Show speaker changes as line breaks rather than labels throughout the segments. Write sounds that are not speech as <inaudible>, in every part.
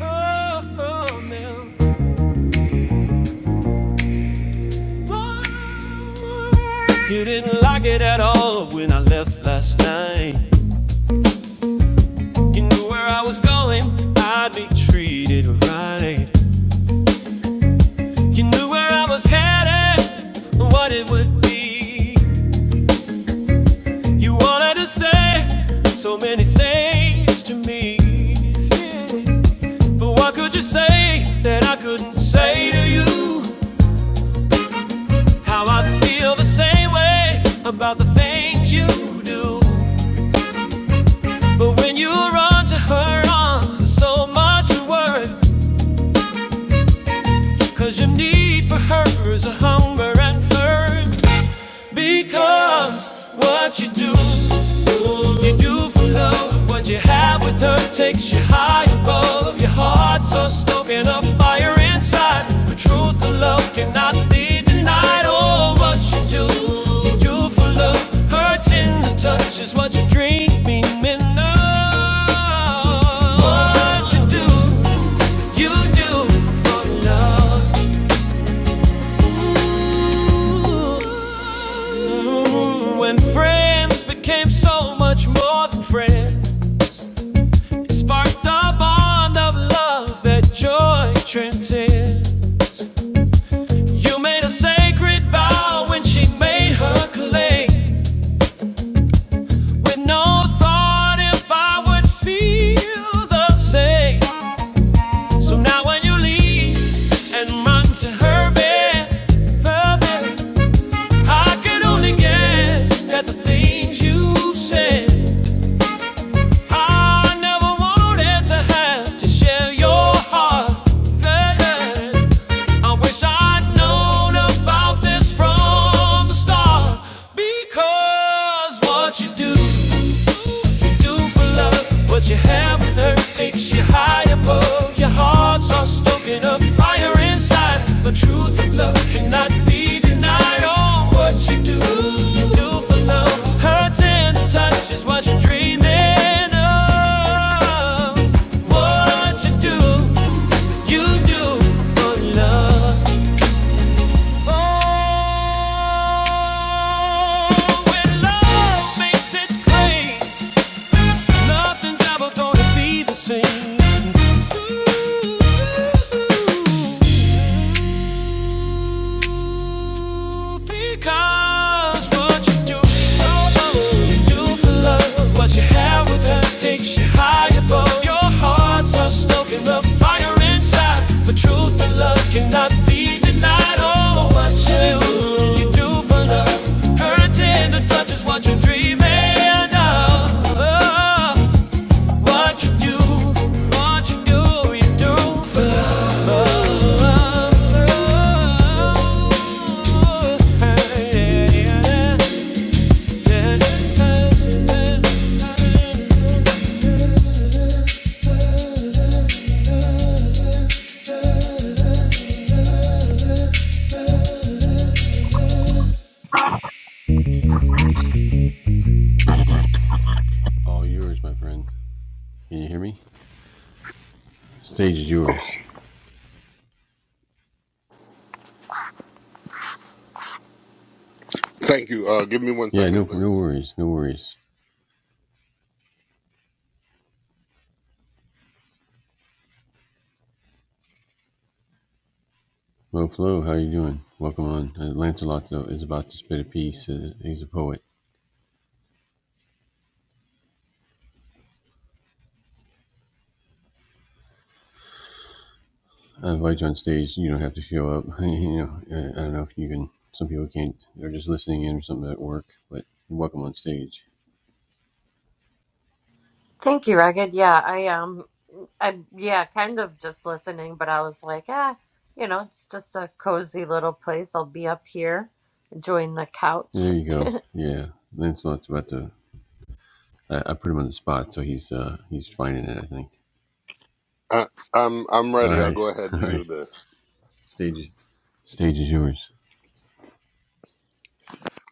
Oh, oh, Oh. You didn't like it at all when I left last night. You knew where I was going, I'd be treated right. You knew where I was headed, and what it would be. You wanted to say so many things to me. But what could you say that I couldn't say to you? How I feel the same way about the things you do. But when you run to her arms, there's so much worse. Cause your need for her is a hunger and flame Becomes what you do You do for love What you have with her takes you high above Your heart's a stoking a fire inside For truth and love cannot be denied Oh, what you do You do for love Hurts in the touch is what you dream in love What you do You do for love Mm, When friends became so much more than friends, it sparked a bond of love that joy transcends. You made a sacred vow when she made her claim, with no thought if I would feel the same. So now when you leave and run to her bed, her bed, I can only guess at the things you said. I never wanted to have to share your heart. I wish I'd known about this from the start. Because what you do, you do for love. What you have with her takes you high above. Your hearts are stoking up fire inside. The truth of love cannot be denied. Oh, what you do, you do for love. Her tender touch is what you're dreaming of. What you do, you do for love. Oh, when love makes its claim. Nothing's ever gonna be the same. Ooh, Because what you do, oh, oh, you do for love, what you have with her takes you high above your hearts are stoking the fire inside for truth and love cannot be denied oh what you do you do for love hurting the touch is what you're dreaming of oh, what you do what you do you do for love Oh, yeah, yeah, yeah, yeah, yeah, yeah. yeah.
Thank you. Uh, give me one second, please.
Thank you, Ragged. Yeah, I um I yeah, kind of just listening, but I was like, ah, you know, it's just a cozy little place. I'll be up here enjoying the couch. <laughs>
Uh, I'm I'm ready. I'll go ahead and do this.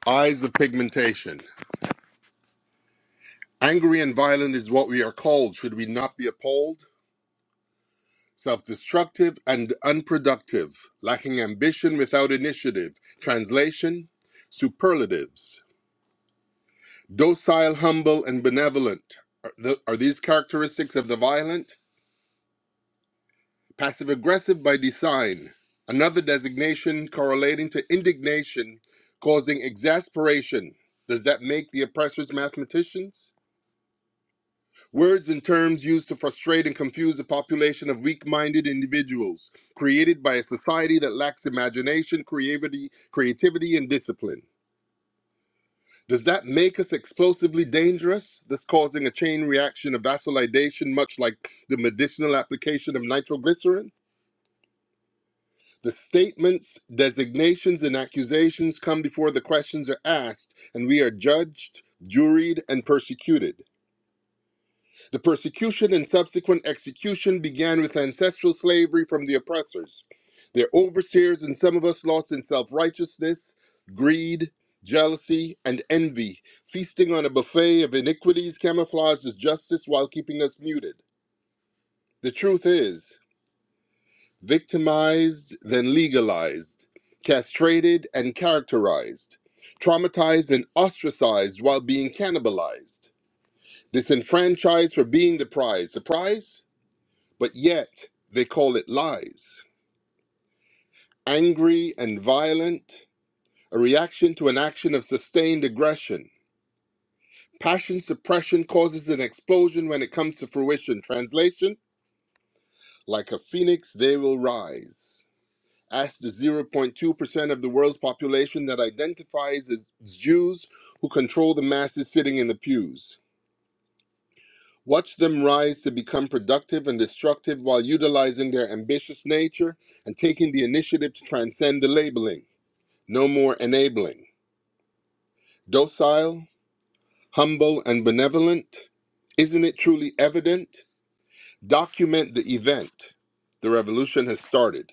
Eyes of pigmentation. Angry and violent is what we are called. Should we not be appalled? Self-destructive and unproductive, lacking ambition without initiative. Translation: Superlatives. Docile, humble, and benevolent. Are, the, are these characteristics of the violent? Passive aggressive by design, another designation correlating to indignation, causing exasperation. Does that make the oppressors mathematicians? Words and terms used to frustrate and confuse the population of weak minded individuals, created by a society that lacks imagination, creativity, creativity, and discipline. Does that make us explosively dangerous, thus causing a chain reaction of vasodilation, much like the medicinal application of nitroglycerin? The statements, designations, and accusations come before the questions are asked, and we are judged, juried, and persecuted. The persecution and subsequent execution began with ancestral slavery from the oppressors. Their overseers and some of us lost in self righteousness, greed, jealousy, and envy, feasting on a buffet of iniquities camouflaged as justice while keeping us muted. The truth is, victimized, then legalized, castrated and characterized, traumatized and ostracized while being cannibalized, disenfranchised for being the prize. The prize? But yet they call it lies. Angry and violent, a reaction to an action of sustained aggression. Passion suppression causes an explosion when it comes to fruition. Translation Like a phoenix, they will rise. That's the 0.2% of the world's population that identifies as Jews who control the masses sitting in the pews. Watch them rise to become productive and destructive while utilizing their ambitious nature and taking the initiative to transcend the labeling. No more enabling. Docile, humble, and benevolent. Isn't it truly evident? Document the event. The revolution has started.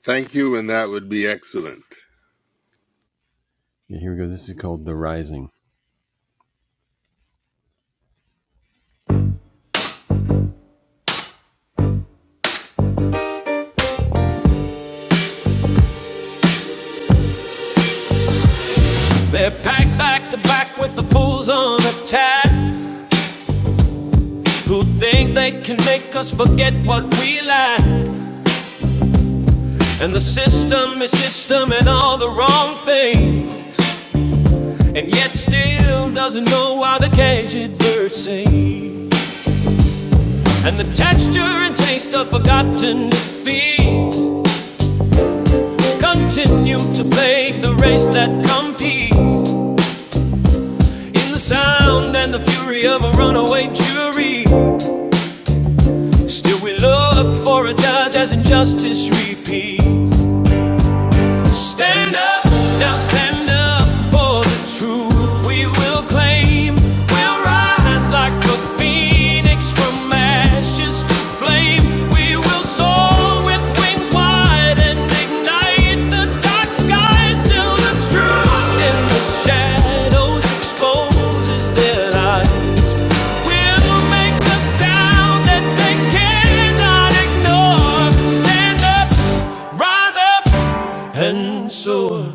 Thank you, and that would be excellent.
They're packed back to back with the fools on the tag who think they can make us forget what we lack. And the system is system and all the wrong thing, and yet still doesn't know why the caged birds sing. And the texture and taste of forgotten defeats continue to plague the race that competes in the sound and the fury of a runaway jury. Still, we look for a judge as injustice repeats. Stand up, now stand up for the truth we will claim. We'll rise like a phoenix from ashes to flame. We will soar with wings wide and ignite the dark skies till the truth in the shadows exposes their lies. We'll make a sound that they cannot ignore. Stand up, rise up. And so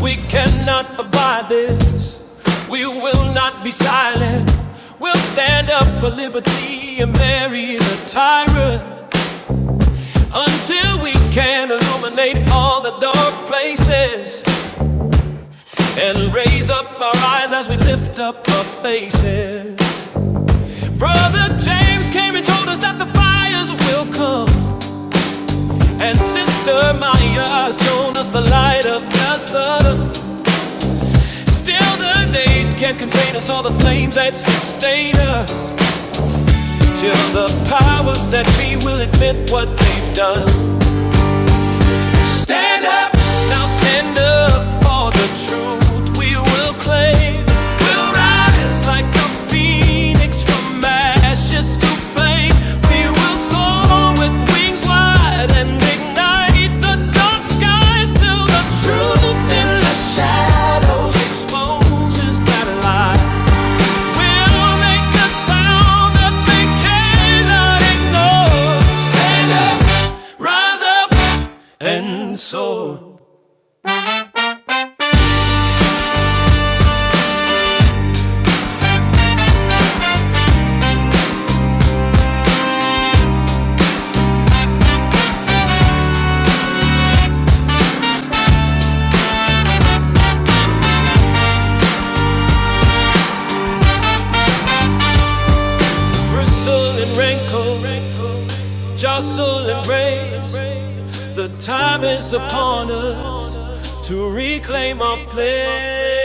we cannot abide this. We will not be silent. We'll stand up for liberty and bury the tyrant until we can illuminate all the dark places and raise up our eyes as we lift up our faces. Brother James came and told us that the fires will come, and Sister Maya has shown us the light of the sun. Still the days can not contain us, all the flames that sustain us. Till the powers that be will admit what they've done. Stand up, now stand up for the truth we will claim. We'll rise like a phoenix from ashes to flame. We will soar with wings wide and ignite the dark skies till the truth in the shadows exposes that lie. We'll make the sound that they cannot ignore. Stand up, rise up, and soar. bristle and wrinkle, jostle and raise. The time is upon us to reclaim our place.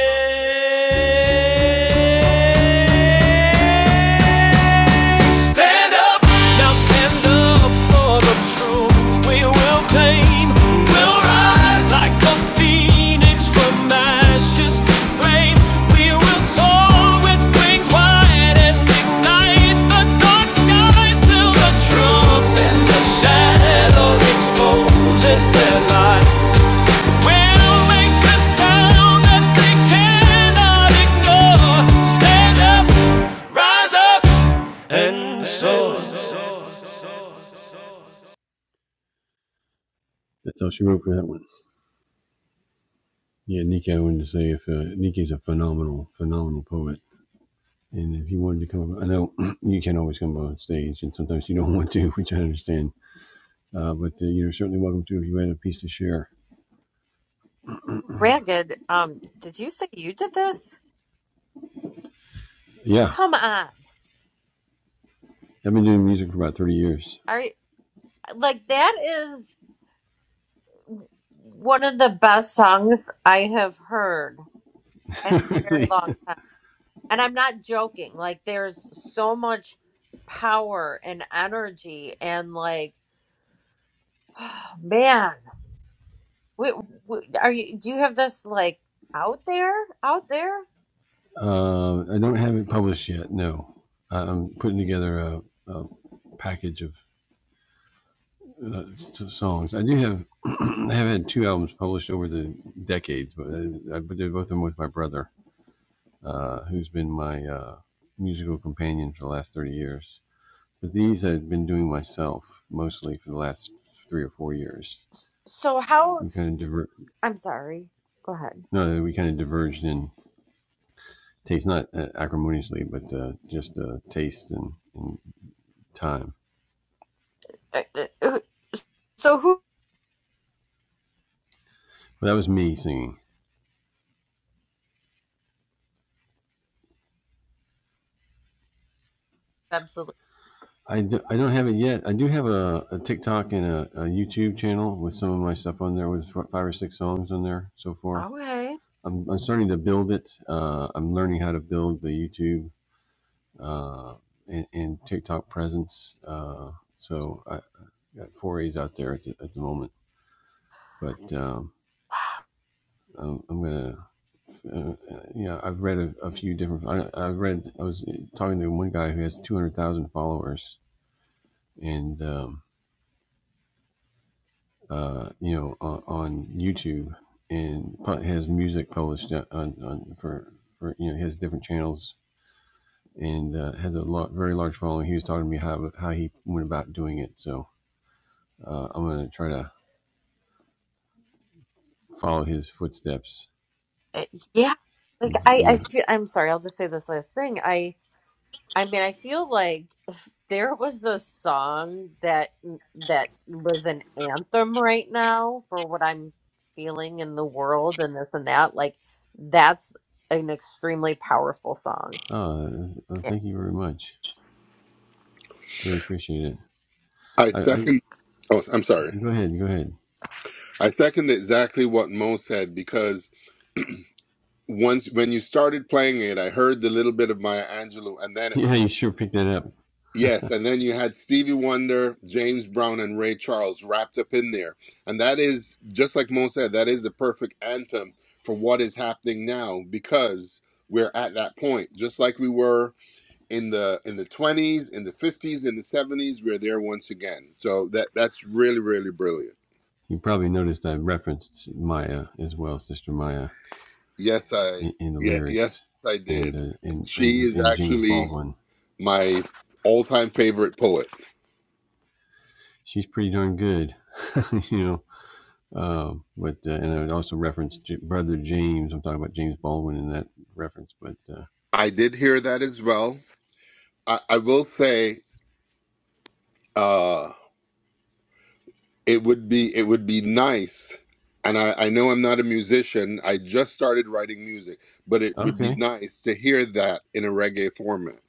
Stand up, now stand up for the truth. We will claim, we'll rise like a phoenix. Phoenix from ashes to flame. We will soar with wings wide and ignite the dark skies till the truth and the shadow exposes their light. We'll make a sound that they cannot ignore. Stand up, rise up, and soar.
Ragged, um, did you say you did this? Come on. Are you, like that is one of the best songs I have heard in a very long time. And I'm not joking. Like there's so much power and energy and like man Wait, wait, are you? Do you have this like out there? Out there? So how? I'm sorry. Go ahead. Uh, uh, uh, So who? Absolutely. Okay. Uh, Yeah. Like I, I feel. I'm sorry. I'll just say this last thing. I, I mean, I feel like there was a song that that was an anthem right now for what I'm feeling in the world and this and that. Like that's an extremely powerful song
I second. Oh, I'm sorry. I second exactly what Mo said because once when you started playing it, I heard the little bit of Maya Angelou, and then it was yes, and then you had Stevie Wonder, James Brown, and Ray Charles wrapped up in there, and that is just like Mo said, that is the perfect anthem for what is happening now because we're at that point, just like we were in the in the twenties, in the fifties, in the seventies. We're there once again, so that that's really really brilliant. Yes, I yeah, yes, I did. She is actually my all-time favorite poet. I did hear that as well. I, I will say uh, it would be it would be nice, and I, I know I'm not a musician. I just started writing music, but it would be nice to hear that in a reggae format.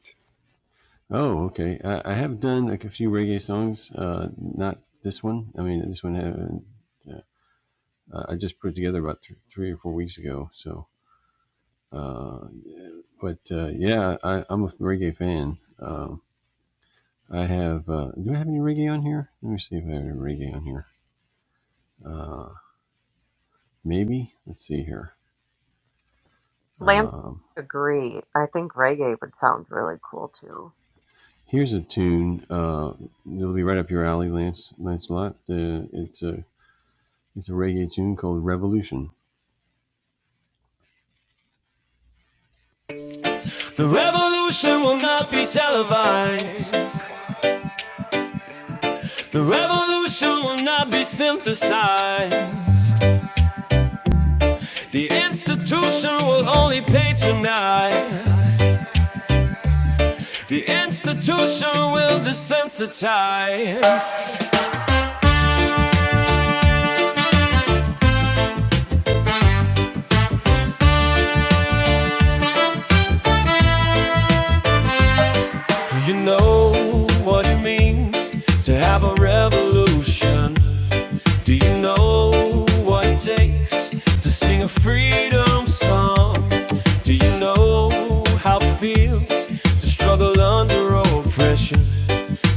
Lance, agree. I think reggae would sound really cool too.
The revolution will not be televised. The revolution will not be synthesized. The institution will only patronize. The institution will desensitize. Do you know to have a revolution? Do you what to sing a freedom song? Do know how struggle under oppression?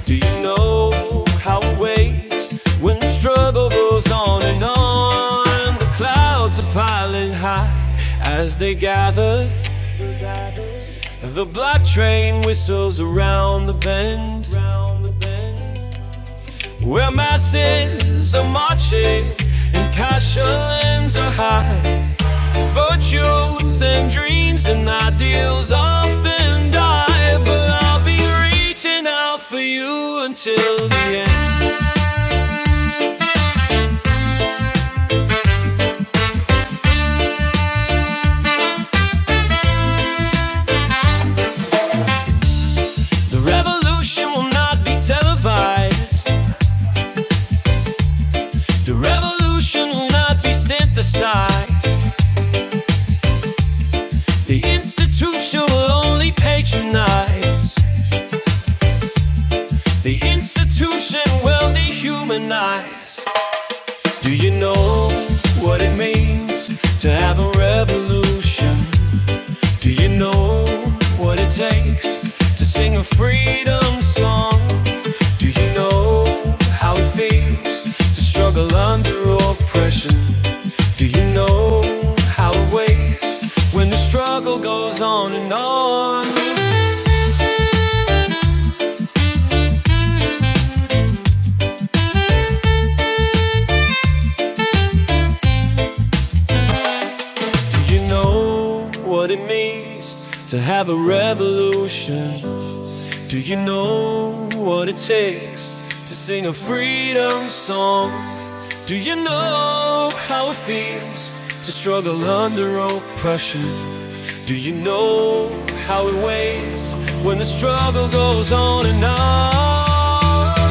Do you know how it weighs when the struggle goes on and on? The clouds are piling high as they gather The black train whistles around the bend. Where masses are marching and passions are high. Virtues and dreams and ideals often die. But I'll be reaching out for you until the end. The revolution will not be televised. The revolution will not be synthesized. The institution will only patronize. The institution will dehumanize. Do you know what it means to have a revolution? Do you know what it takes to sing a freedom song? Do you know how it feels to struggle under oppression? Do you know how it weighs when the struggle goes on and on? Do you know what it means to have a revolution? Do you know what it takes to sing a freedom song? Do you know how it feels to struggle under oppression? Do you know how it weighs when the struggle goes on and on?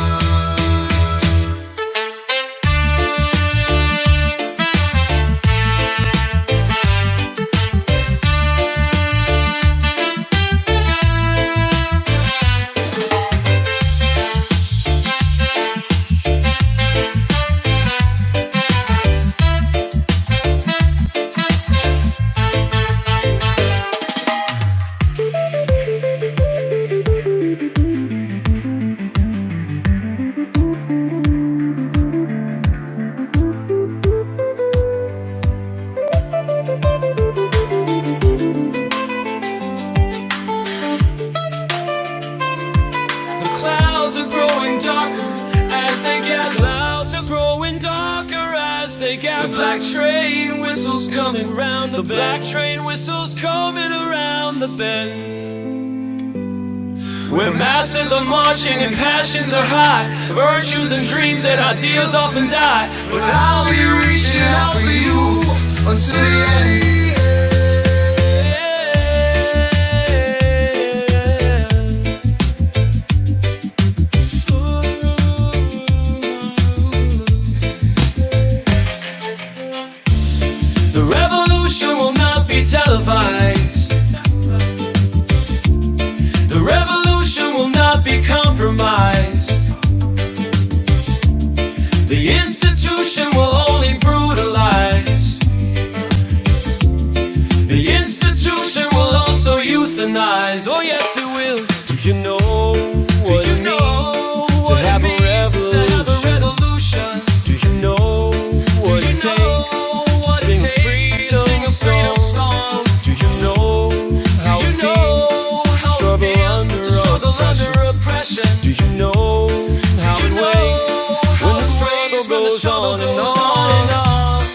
The clouds are growing darker as they get clouds are growing darker as they get the black train whistles coming round the black train whistles coming around the bend where masses are marching and passions are high virtues and dreams and ideals often die but I'll be reaching out for you until the end Yeah. Ooh. The revolution will not be televised. The revolution will not be compromised. The institution will only brutalize. The institution will also euthanize. Oh yes, it will. Do you know what it means to have a revolution? Do you know what it takes to sing a freedom song? Do you know how it feels to struggle under oppression? Do you know how it know weighs when the struggle goes on and on and on?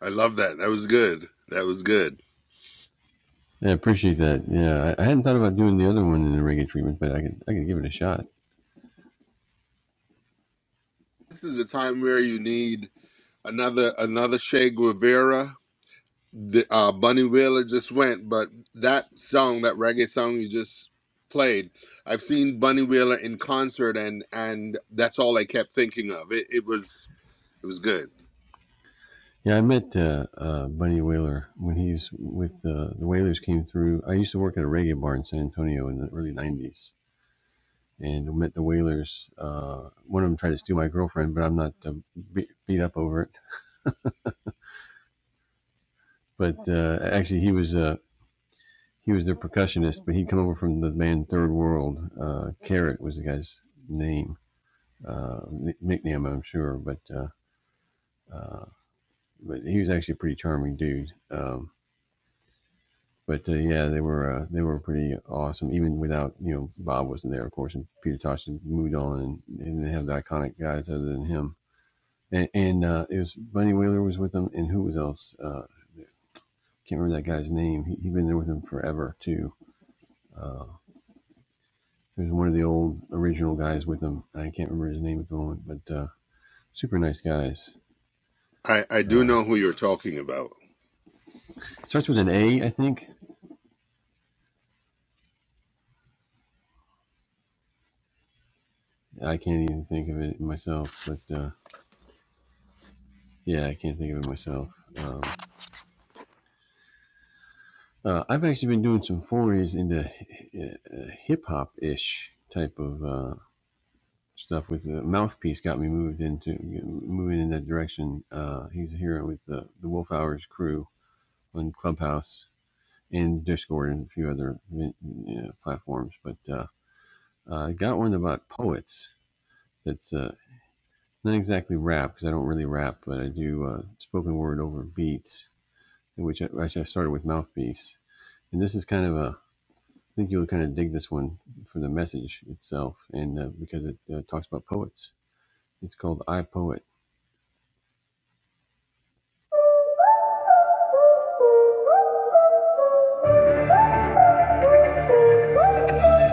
I love that. That was good. That was good. This is a time where you need another another Che Guevara the uh, Bunny Wheeler just went, but that song, that reggae song you just played, I've seen Bunny Wheeler in concert, and and that's all I kept thinking of. It it was it was good. I I do know who you're talking about.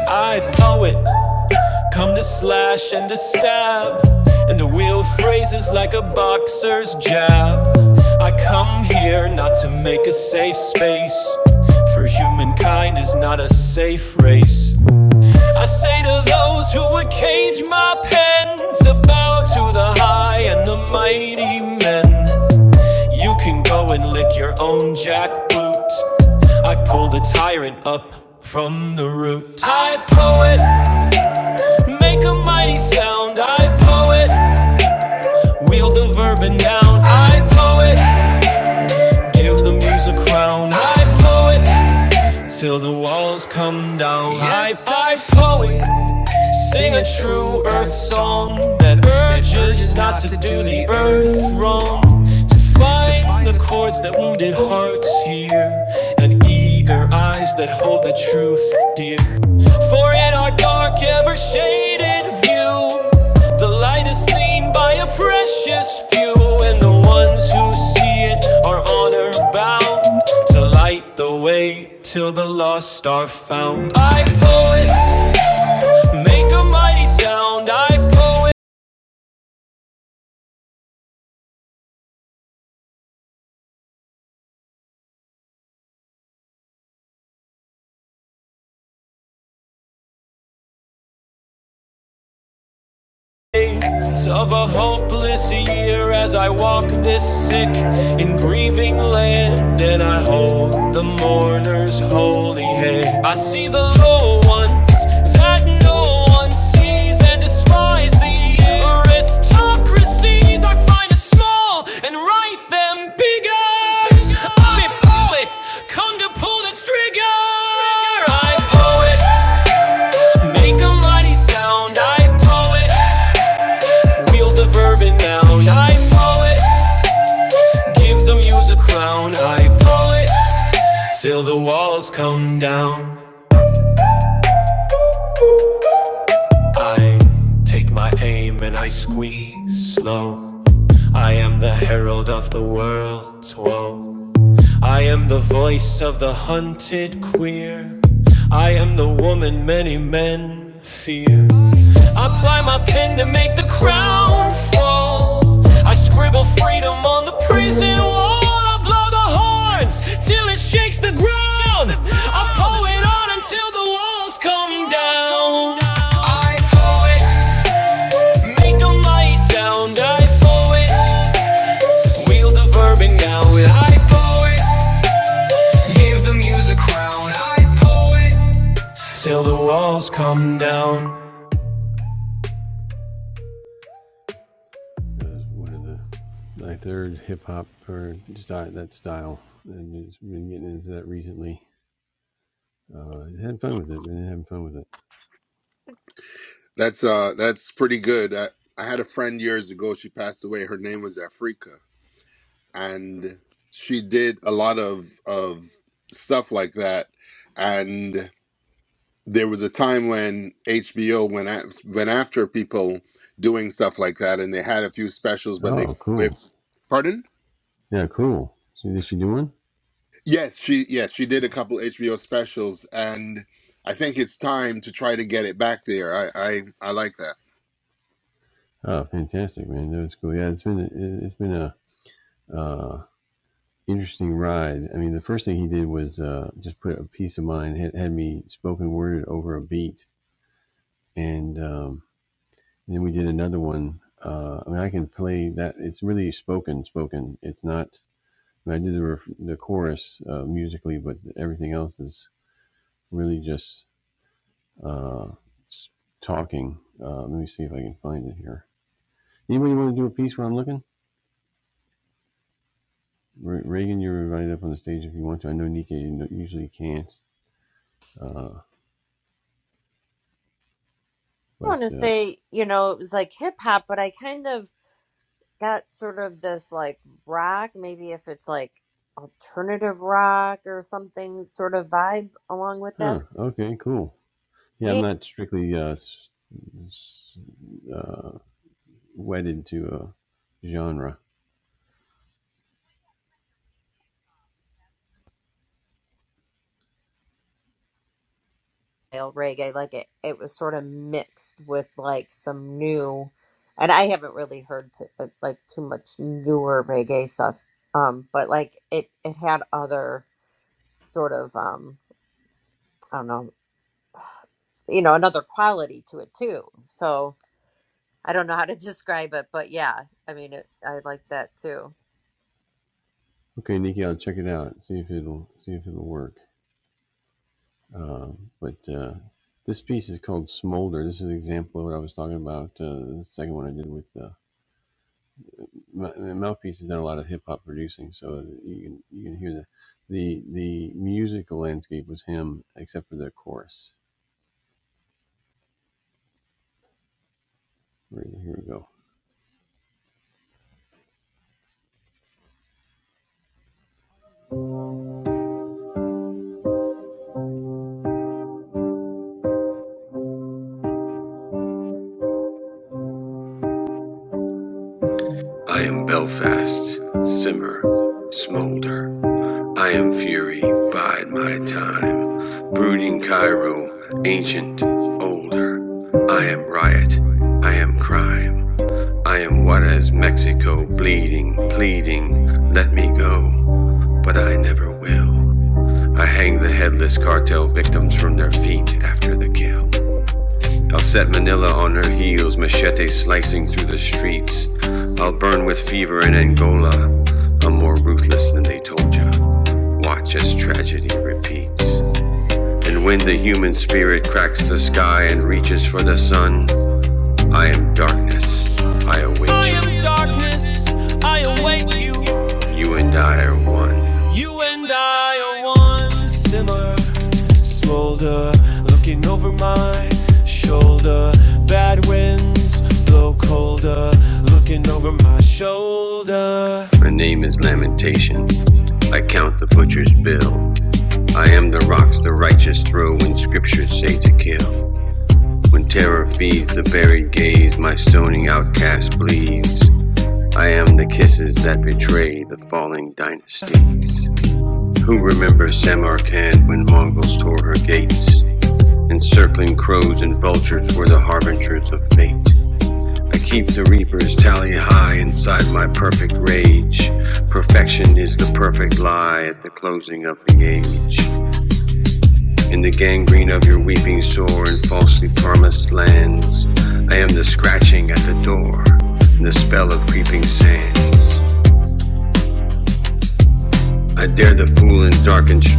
I know it. Come to slash and to stab, and to wield phrases like a boxer's jab. I come here not to make a safe space, for humankind is not a safe race. I say to those who would cage my pens, bow to the high and the mighty men. You can go and lick your own jackboot. I pull the tyrant up from the root. I poet, Make a mighty sound, I poet. Wield the verb and noun, I poet. Give the muse a crown, I poet. Till the walls come down, yes. I, I poet. Sing a true earth song that urges not to do the earth wrong. To find the chords that wounded hearts hear, and eager eyes that hold the truth dear. For in our dark, ever shaded view, the light is seen by a precious few, and the ones who see it are honor bound to light the way till the lost are found. I poet, Make a mighty sound, I poet of a hopeless year as I walk this sick and breathing land. And I hold the mourner's holy hand. I see the low ones that no one sees and despise the aristocracies. I find a small and write them bigger. I'm a poet, come to pull the trigger. I'm a poet. Make a mighty sound, I poet. Wield the verb and noun, I poet. Give the muse a crown, I poet. Till the walls come down, I take my aim and I squeeze slow. I am the herald of the world's woe. I am the voice of the hunted queer. I am the woman many men fear. I ply my pen to make the crown fall. I scribble freedom on the prison wall. I blow the horns till it shakes the ground. I pull it on until the walls come down. I poet, make a mighty sound. I poet, wield the verb and now I poet. Give the music crown, I poet. Till the walls come down.
That's uh that's pretty good. I, I had a friend years ago. She passed away. Her name was Afrika, and she did a lot of of stuff like that, and. there was a time when HBO went at, went after people doing stuff like that, and they had a few specials, but they with pardon. Yes, she yes she did a couple HBO specials, and I think it's time to try to get it back there. I I, I like that.
I want to say, you know, it was like hip hop, but I kind of got sort of this like rock, maybe if it's like alternative rock or something sort of vibe along with that. Yeah, style reggae, like it, it was sort of mixed with like some new, and I haven't really heard to, uh, like too much newer reggae stuff, um, but like it, it had other sort of um, I don't know you know another quality to it too so i don't know how to <laughs> describe it but yeah i mean it, i like that too
In darkness, I await you. You and I are one simmer, smolder, looking over my shoulder. Bad winds blow colder, looking over my shoulder.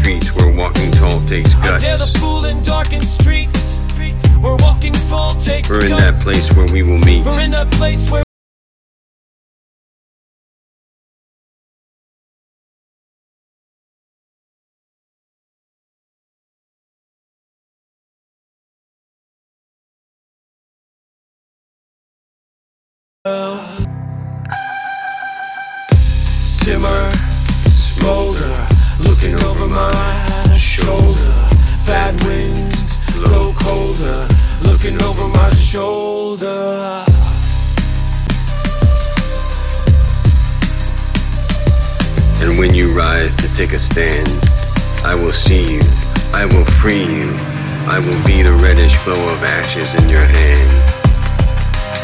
Peace where walking tall takes guts. I dare the guts. fool in darkened streets. We're walking full takes guts. We're in that place where we will meet. We're in that place where simmer, Boulder, looking over my shoulder. Bad winds, looking over my sh- And when you rise to take a stand, I will see you. I will free you. I will be the reddish flow of ashes in your hand,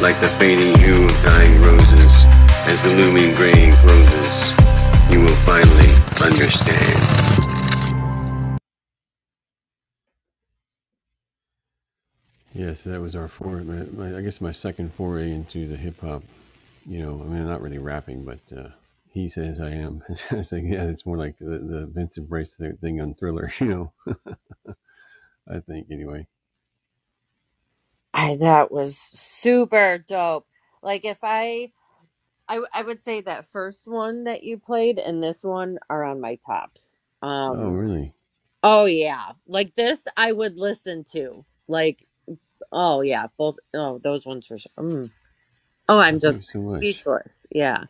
like the fading hue of dying roses as the looming grave closes. You will finally understand.
i that was super dope like if i I, w- I would say that first one that you played and this one are on my tops um oh yeah like this i would listen to like oh yeah both oh those ones for sure mm. oh i'm just speechless yeah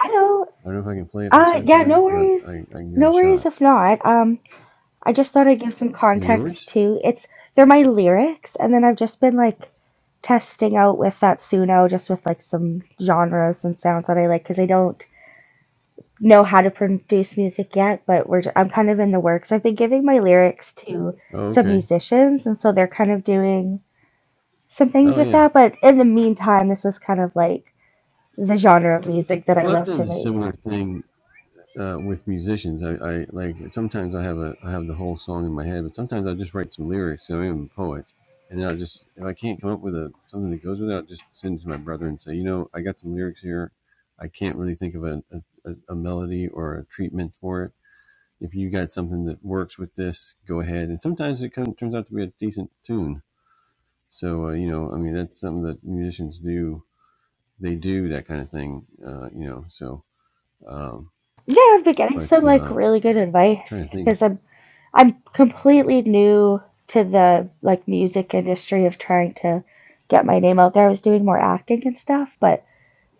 Hello. Uh, yeah, no worries. No worries if not. Um, I just thought I'd give some context too. It's they're my lyrics, and then I've just been like testing out with that Suno, just with like some genres and sounds that I like, because I don't know how to produce music yet. But we're just, I'm kind of in the works. I've been giving my lyrics to some musicians, and so they're kind of doing some things with that. But in the meantime, this is kind of like the genre of music that I love to make. Yeah, I've been getting some like really good advice because I'm I'm completely new to the like music industry of trying to get my name out there. I was doing more acting and stuff, but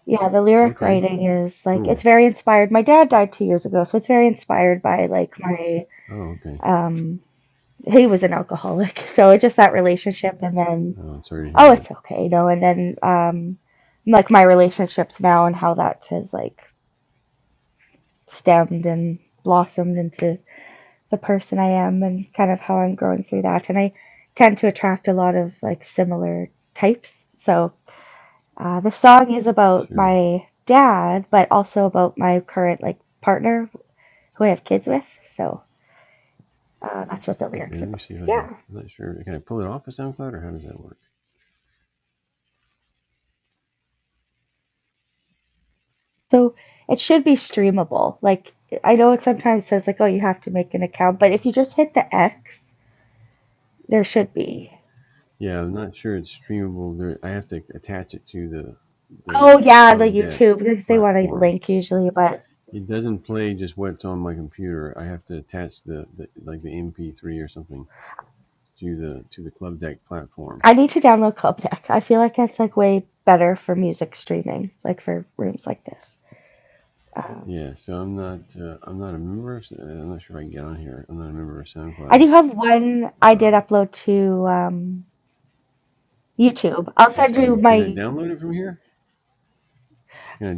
yeah, the lyric writing is like it's very inspired. My dad died two years ago, so it's very inspired by like my um he was an alcoholic, <laughs> so it's just that relationship and then oh it's okay, you know, and then um like my relationships now and how that has like stemmed and blossomed into the person I am and kind of how I'm growing through that. And I tend to attract a lot of like similar types. So uh, the song is about my dad, but also about my current like partner who I have kids with. So uh, that's what the lyrics are about. Yeah. So it should be streamable. Like I know it sometimes says like, oh, you have to make an account, but if you just hit the X, there should be. Oh yeah, the YouTube because they want a link usually, but I need to download Club Deck. I feel like that's like way better for music streaming, like for rooms like this. Um, I do have one I did upload to um, YouTube. I'll send you my.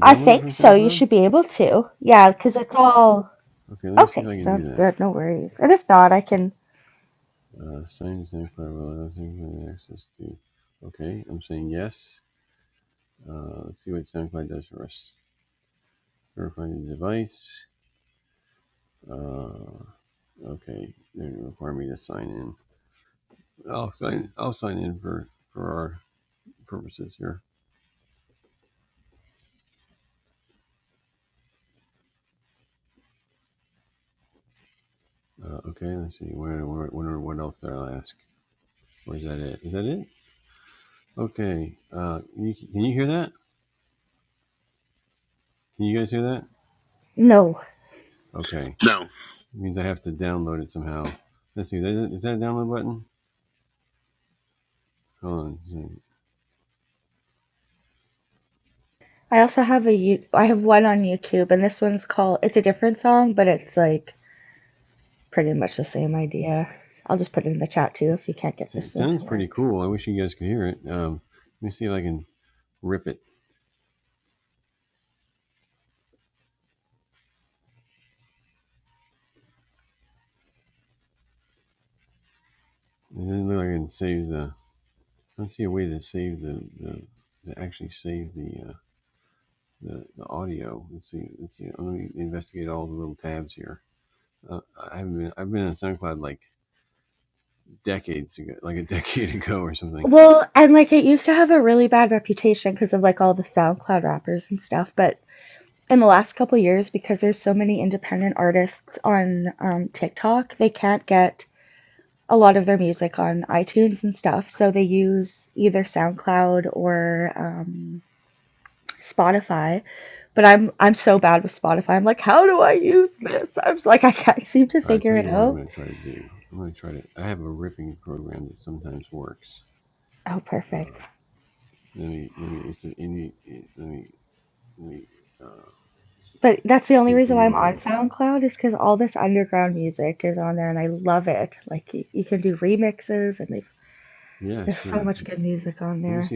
I think so. You should be able to. Yeah, because it's all okay. Sounds good. No worries. And if not, I can. No.
Now,
I also have a you. I have one on YouTube, and this one's called. It's a different song, but it's like pretty much the same idea. I'll just put it in the chat too if you can't get this one to work. Well, and like it used to have a really bad reputation because of like all the SoundCloud rappers and stuff, but in the last couple years, because there's so many independent artists on um, TikTok, they can't get a lot of their music on iTunes and stuff, so they use either SoundCloud or um, Spotify. But I'm I'm so bad with Spotify. I'm like, how do I use this? I'm like, I can't seem to figure it out. Oh, perfect. But that's the only reason why I'm on SoundCloud is because all this underground music is on there and I love it. Like you, you can do remixes and they've, there's so much good music on there.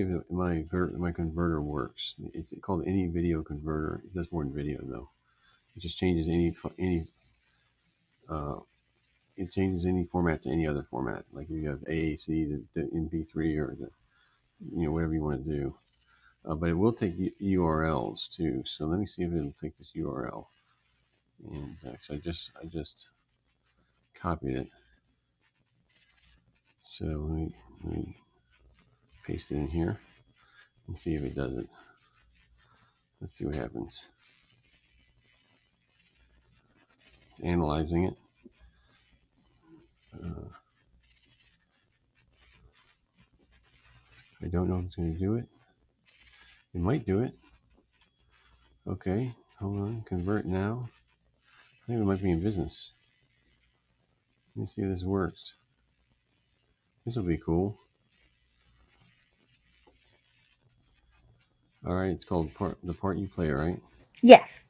Yes.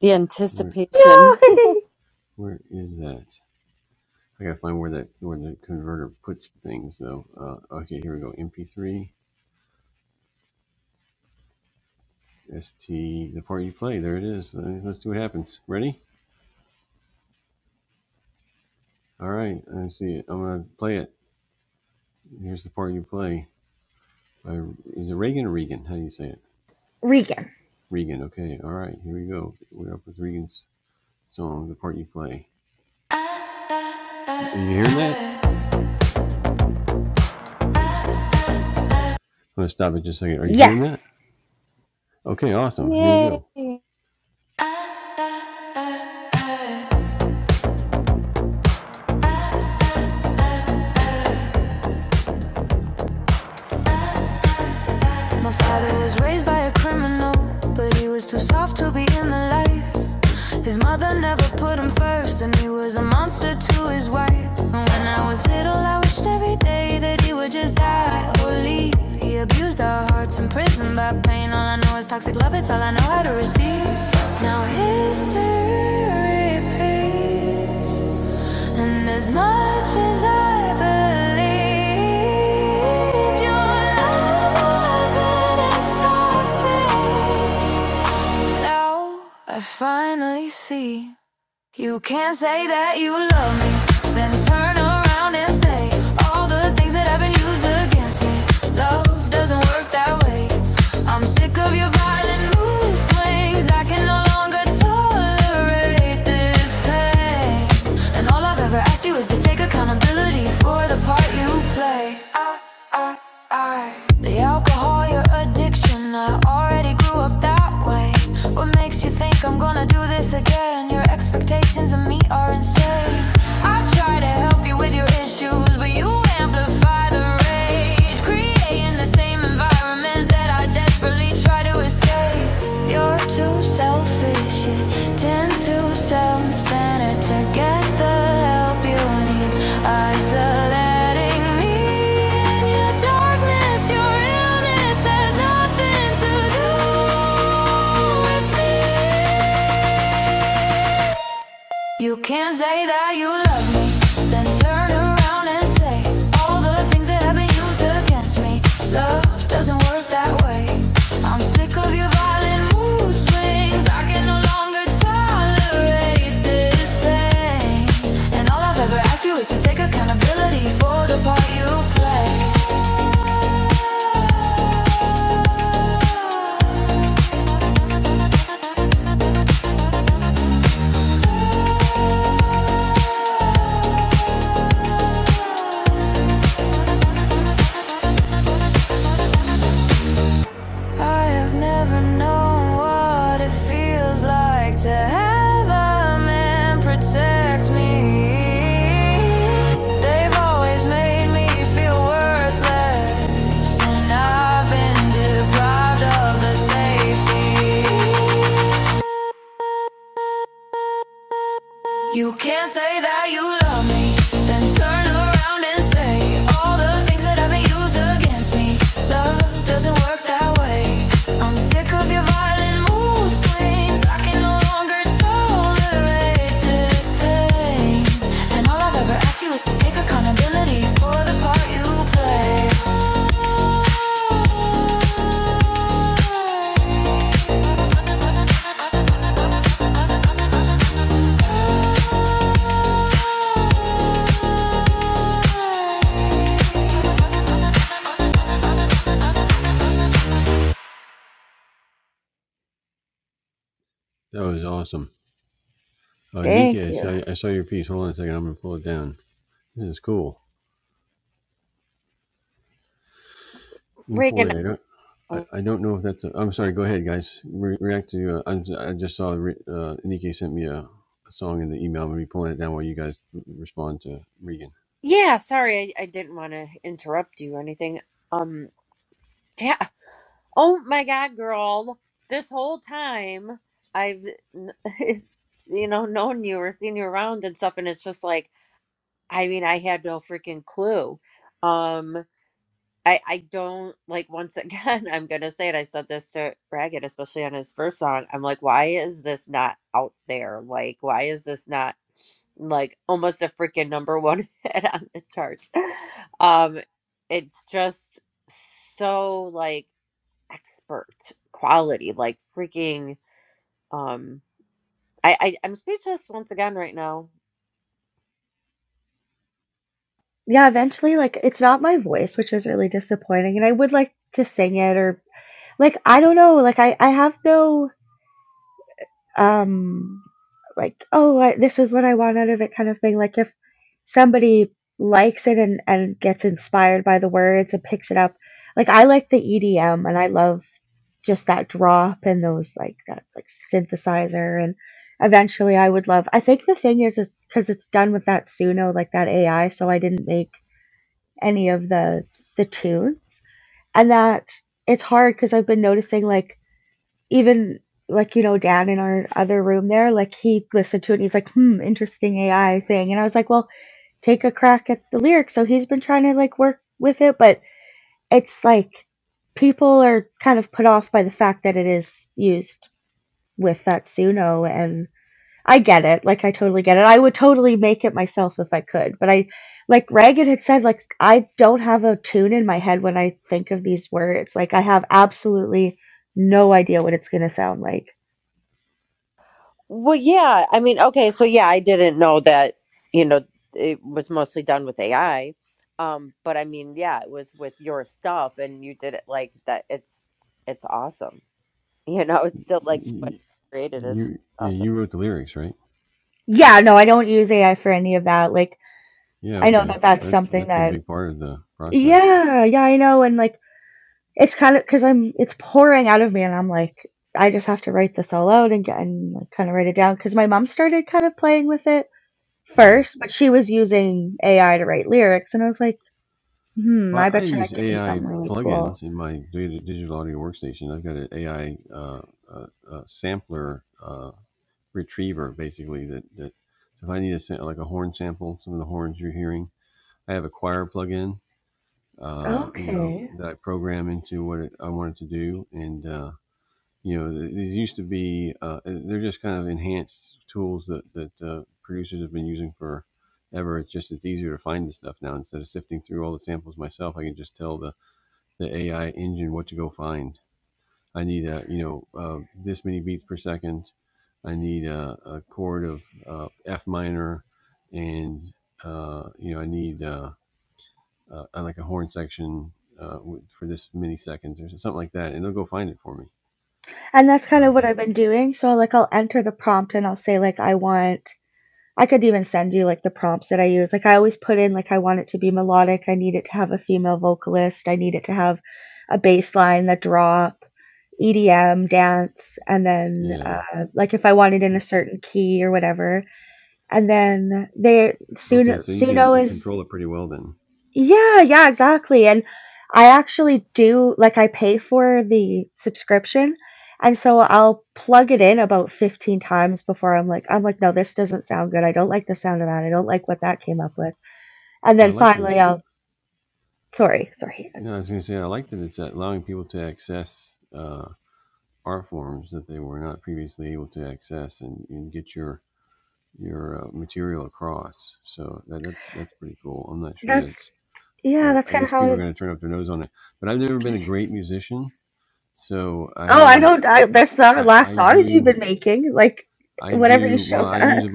the anticipation
Yay! <laughs> Regan. Yes.
<laughs> yay
My father was raised by a criminal, but he was too soft to be in the light. His mother never put him first, and he was a monster to his wife. And when I was little, I wished every day that he would just die or leave. He abused our hearts in prison by pain. All I know is toxic love, it's all I know how to receive. Now history repeats, and as much as I believed, your love wasn't as toxic. Now I finally see. You can't say that you love me, then turn around and say all the things that have been used against me. Love doesn't work that way. I'm sick of your violent mood swings. I can no longer tolerate this pain. And all I've ever asked you is to take accountability for the part you play. I, I, I, the alcohol. you your addiction. I already grew up that way. What makes you think I'm gonna do this again? Your expectations of me are insane. I try to help you with your issues, but you amplify the rage, creating the same environment that I desperately try to escape. You're too selfish, you tend to sell home center to get the help you need. Isolating me in your darkness, your illness has nothing to do with me. You can say that you love me, then turn around and say all the things that have been used against me. Love doesn't work that way. I'm sick of your violent mood swings. I can no longer tolerate this pain. And all I've ever asked you is to take accountability for the part you play. I have never known what it feels like to have a man protect me. They've always made me feel worthless, and I've been deprived of the safety. You can't say that you love me, then turn around and say all the things that I've been used against me. Love doesn't work that way. I'm sick of your violent mood swings. I can no longer tolerate this pain. And all I've ever asked you is to take accountability for the part you play.
Thank you.
reagan Yeah, sorry, I, I didn't want to interrupt you or anything. Um, yeah. Oh my God, girl! This whole time I've, n- <laughs> it's, you know, known you or seen you around and stuff, and it's just like, I mean, I had no freaking clue. Um, I I don't like once again <laughs> I'm gonna say it I said this to Ragged especially on his first song I'm like why is this not out there like why is this not like almost a freaking number one <laughs> hit on the charts <laughs> um it's just so like expert quality like freaking um I, I I'm speechless once again right now
Yeah, eventually, like, it's not my voice, which is really disappointing. And I would like to sing it or, like, I don't know. Like, I, I have no. um like oh I, this is what i want out of it kind of thing like if somebody likes it and and gets inspired by the words and picks it up like i like the edm and i love just that drop and those like that like synthesizer and eventually i would love i think the thing is it's because it's done with that suno like that ai so i didn't make any of the the tunes and that it's hard because i've been noticing like even, like, you know, Dan in our other room there, like, he listened to it and he's like, "Hmm, interesting AI thing." And I was like, "Well, take a crack at the lyrics." So he's been trying to, like, work with it, but it's like people are kind of put off by the fact that it is used with Fatsuno and I get it. Like I totally get it. I would totally make it myself if I could. But I like Reagan had said, like I don't have a tune in my head when I think of these words. Like I have absolutely no idea what it's gonna sound like.
Well, yeah. I mean, okay, so yeah, I didn't know that, you know, it was mostly done with AI. Um, but I mean, yeah, it was with your stuff and you did it like that. It's it's awesome. <laughs> You know, it's still like what you created is awesome.
Yeah, no, I don't use AI for any of that. Like, I know that that's something that, yeah, yeah, I know. And like, it's kind of because I'm, it's pouring out of me, and I'm like, I just have to write this all out and get and like, kind of write it down. Because my mom started kind of playing with it first, but she was using AI to write lyrics, and I was like, hmm, I bet you I could do something really cool. Okay. And that's kind of what I've been doing. So like, I'll enter the prompt and I'll say like, I want I could even send you, like, the prompts that I use. Like, I always put in, like, I want it to be melodic, I need it to have a female vocalist, I need it to have a bass line, that drop, EDM, dance, and then, uh, like, if I want it in a certain key or whatever. And then they Suno Suno is yeah, yeah, exactly. And I actually do like I pay for the subscription. And so I'll plug it in about 15 times before I'm like I'm like no this doesn't sound good. I don't like the sound of that. I don't like what that came up with. And then finally I'll sorry, sorry. That's yeah, that's kind of how I Oh, I don't I, that's not the last songs you've been making. Like whatever you showed us. <laughs>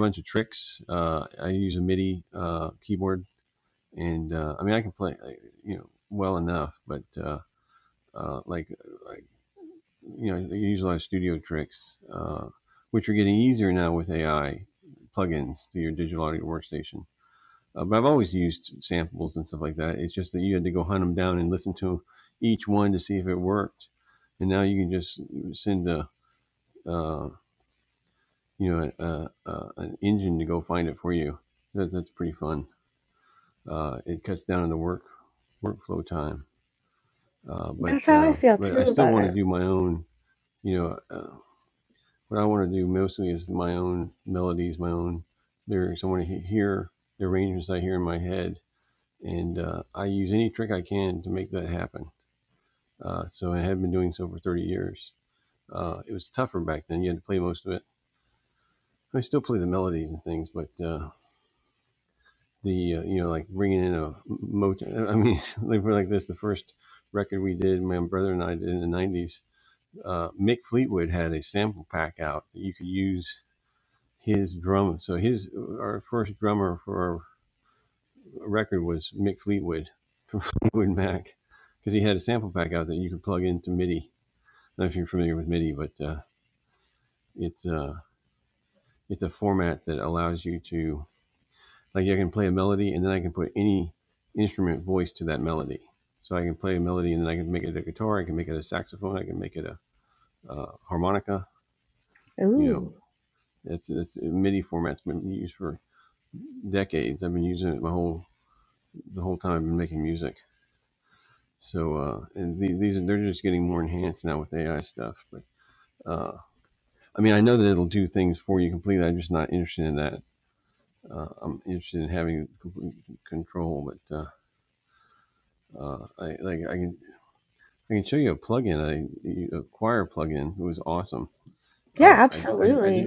That's how I feel too about it. Ooh. Yeah, absolutely.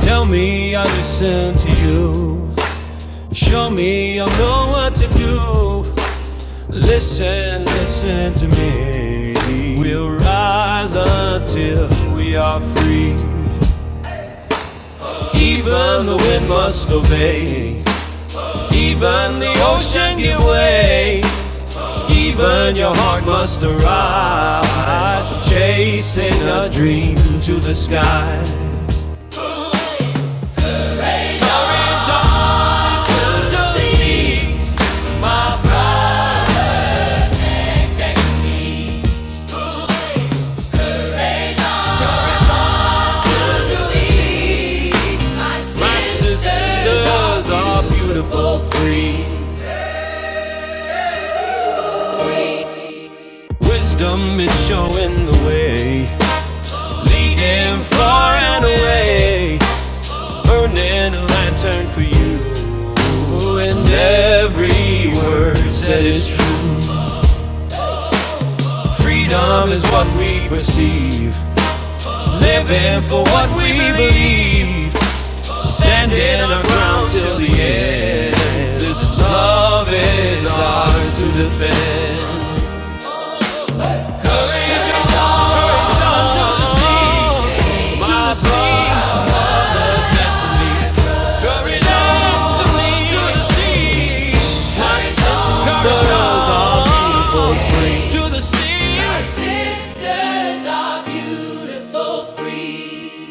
Tell me I listen to you. Show me I know what to do. Listen, listen to me. We'll rise until we are free. Even the wind must obey. Even the ocean give way. Even your heart must arise, chasing a dream to the sky. Orange arms of the sea. My sisters are beautiful, free. Wisdom is showing the way, leading far and away. Burning a lantern for you, and every word said is true. Freedom is what we perceive, living for what we believe, standing our ground till the end. This love is ours to defend. Until the sea, to the sea, buried up to me, to the sea. My sisters are beautiful, free. To the sea, Our sisters are beautiful, free.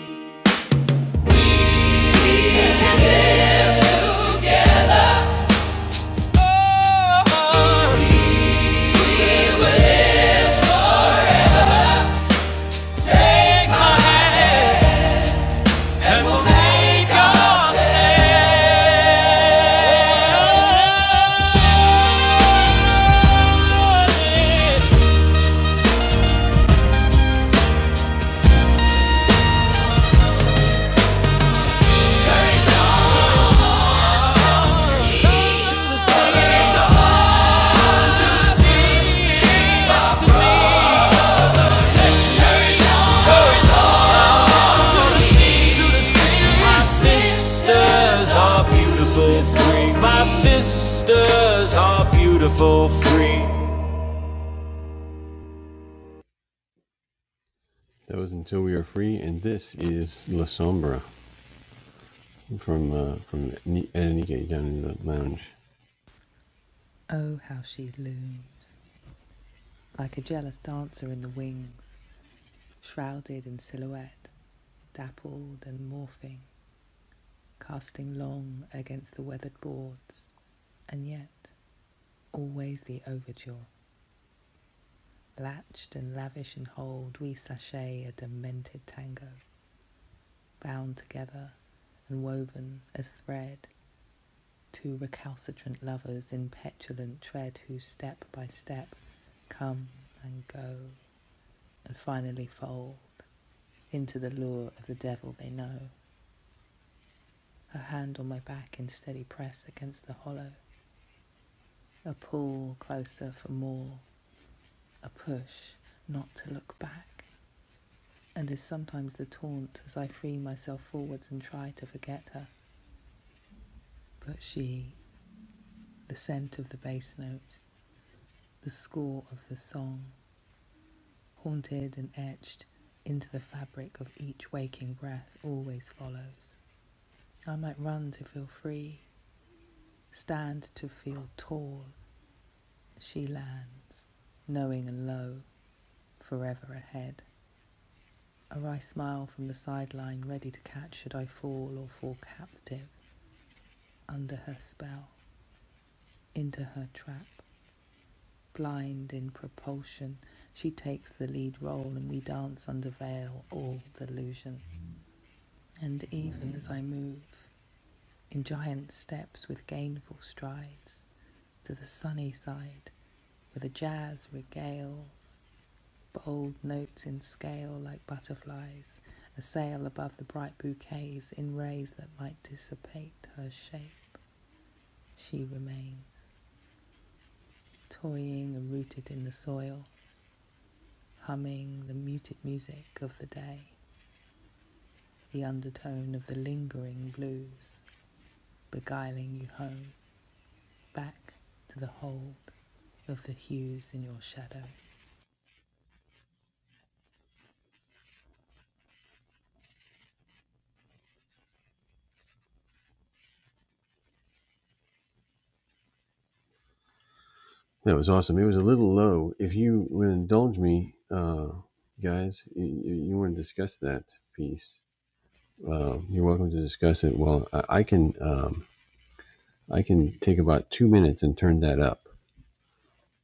Free.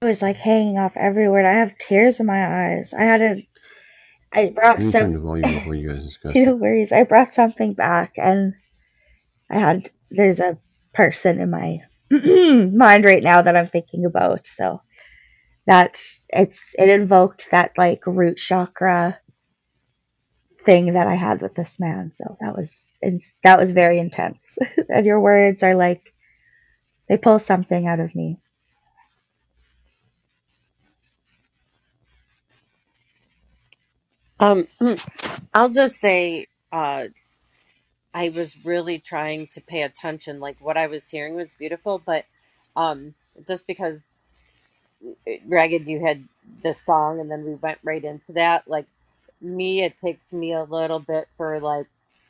It was like hanging off everywhere. and I have tears in my eyes. I had a, I brought some, <laughs> no worries. I brought something back and I had, there's a person in my <clears throat> mind right now that I'm thinking about. So that's, it's, it invoked that like root chakra thing that I had with this man. So that was, and that was very intense. <laughs> and your words are like, they pull something out of me.
Um, <clears throat> I'll just say, uh, I was really trying to pay attention. Like what I was hearing was beautiful, but um, just because. Ragged, you had this song, and then we went right into that. Like me, it takes me a little bit for like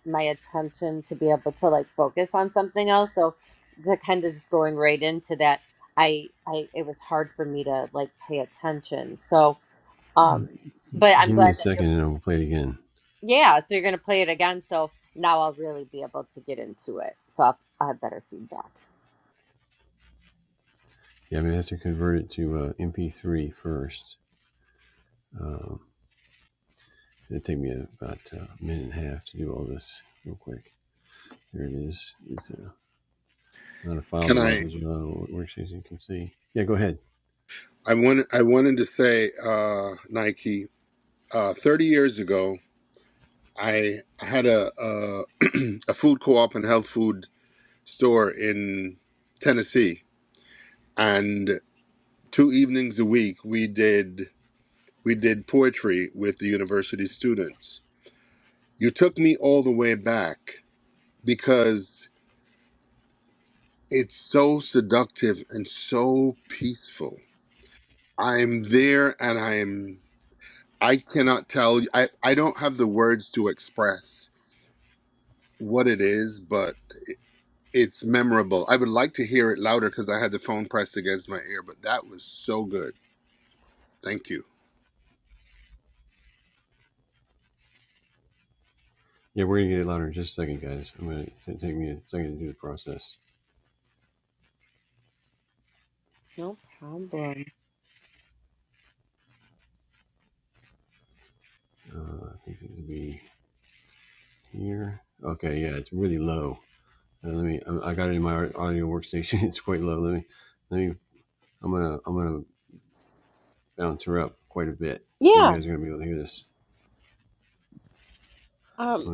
my attention to be able to like focus on something else. So to kind of just going right into that, I, I, it was hard for me to like pay attention. So, um, but I'm glad that you're, yeah. So you're gonna play it again. So now I'll really be able to get into it. So I'll, I'll have better feedback.
can I? I want I wanted to say uh, Nike. Uh, Thirty years ago, I had a a, <clears throat> a food co-op and health food store in Tennessee, and. two evenings a week we did we did poetry with the university students you took me all the way back because it's so seductive and so peaceful i'm there and i'm i cannot tell you i, I don't have the words to express what it is but it's memorable i would like to hear it louder because i had the phone pressed against my ear but that was so good thank you
No problem. Yeah. Um,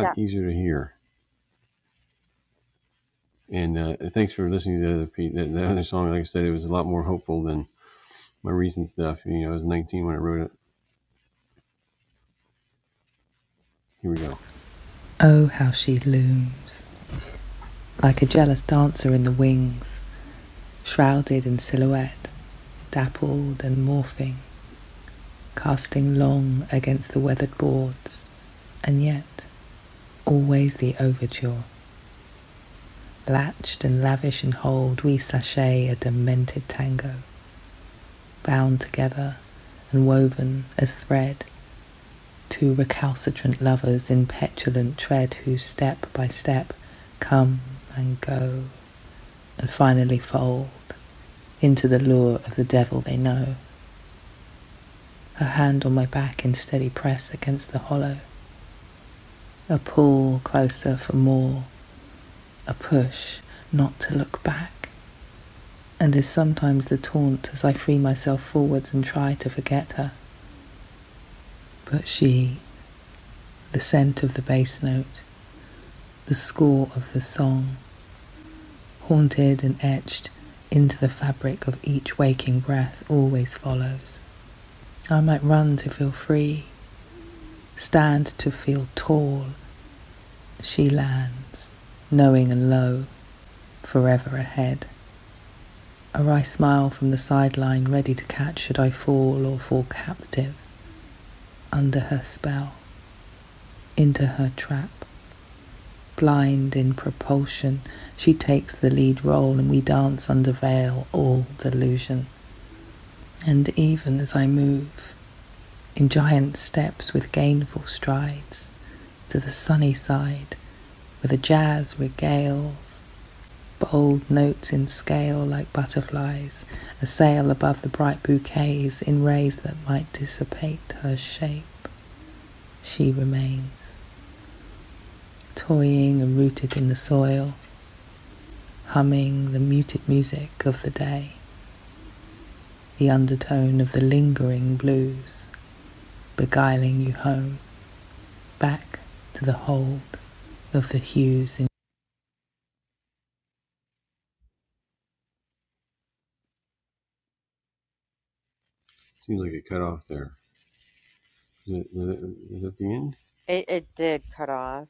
Yeah. It, it did cut off.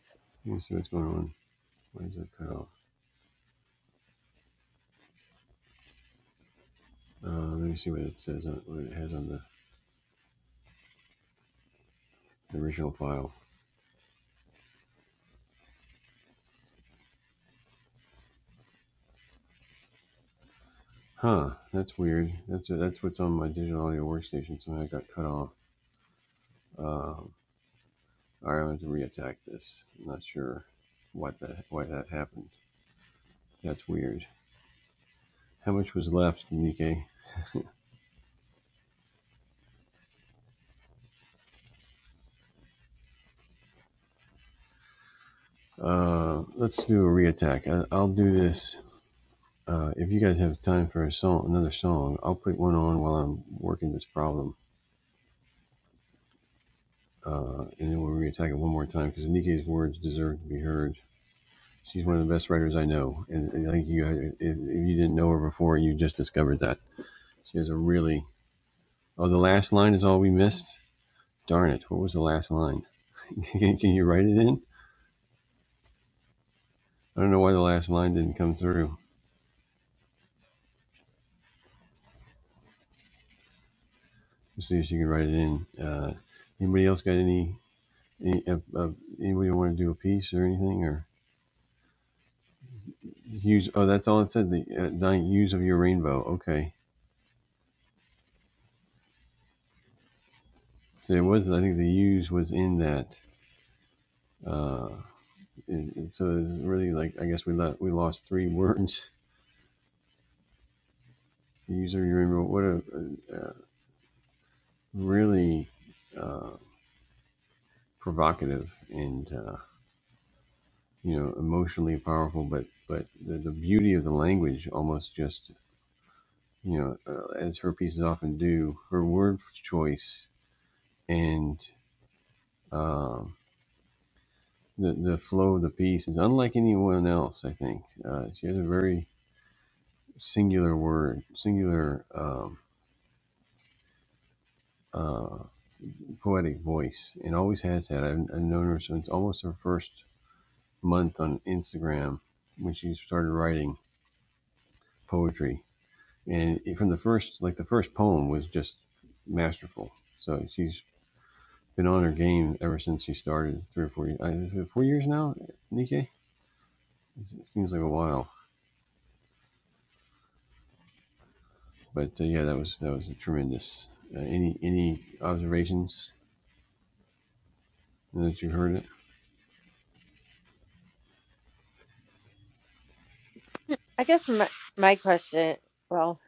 I guess my my question, well,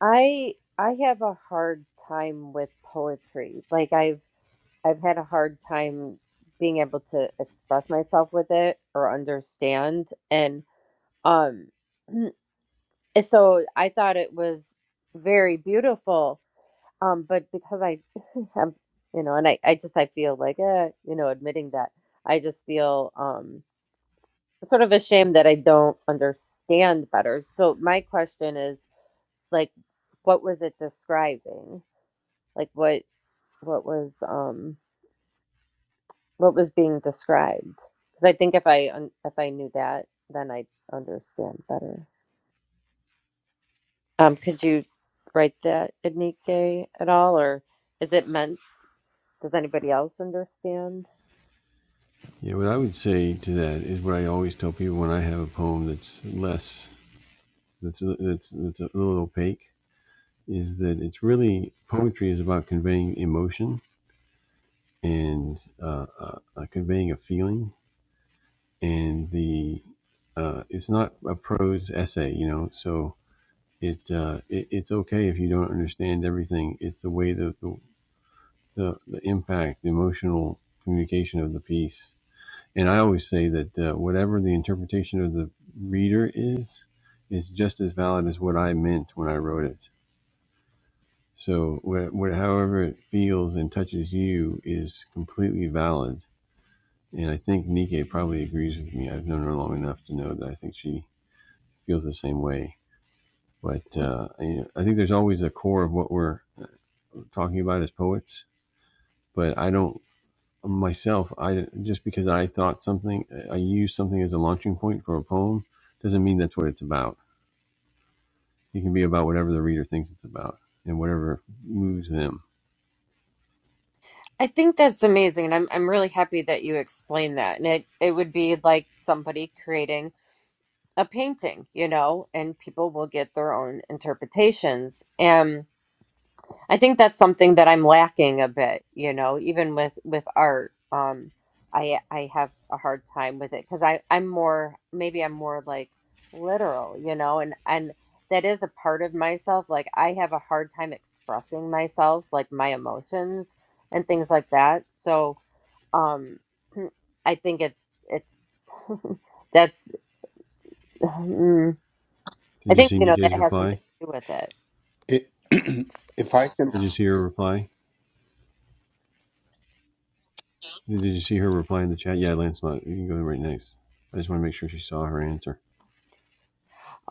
I I have a hard time with poetry. Like I've I've had a hard time being able to express myself with it or understand and um <clears throat> so I thought it was very beautiful. Um but because I <laughs> have you know and I I just I feel like eh, you know admitting that I just feel um sort of ashamed that I don't understand better. So my question is like what was it describing? Like what what was um what was being described? Because I think if I un- if I knew that, then I'd understand better. Um, could you write that Enrique at all, or is it meant? Does anybody else understand? I think that's amazing, and I'm I'm really happy that you explained that. And it it would be like somebody creating a painting, you know, and people will get their own interpretations. And I think that's something that I'm lacking a bit, you know, even with with art. Um I I have a hard time with it cuz I I'm more maybe I'm more like literal, you know, and and that is a part of myself. Like I have a hard time expressing myself, like my emotions and things like that. So, um <clears throat> I think it's it's <laughs> that's <sighs> mm, I think, you know, that has something to do with it.
it, <clears throat> if i can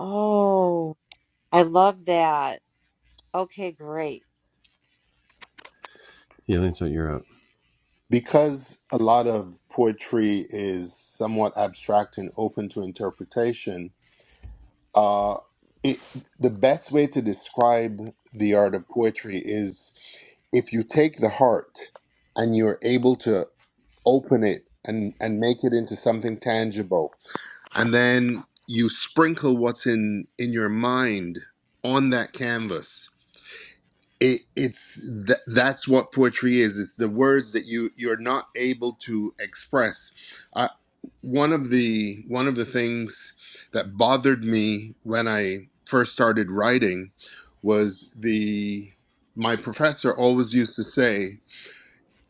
Oh, I love that. Okay, great.
because a lot of poetry is somewhat abstract and open to interpretation, uh, it, the best way to describe the art of poetry is if you take the heart and you're able to open it and, and make it into something tangible, and then you sprinkle what's in, in your mind on that canvas it, it's th- that's what poetry is it's the words that you you're not able to express I, one of the one of the things that bothered me when i first started writing was the my professor always used to say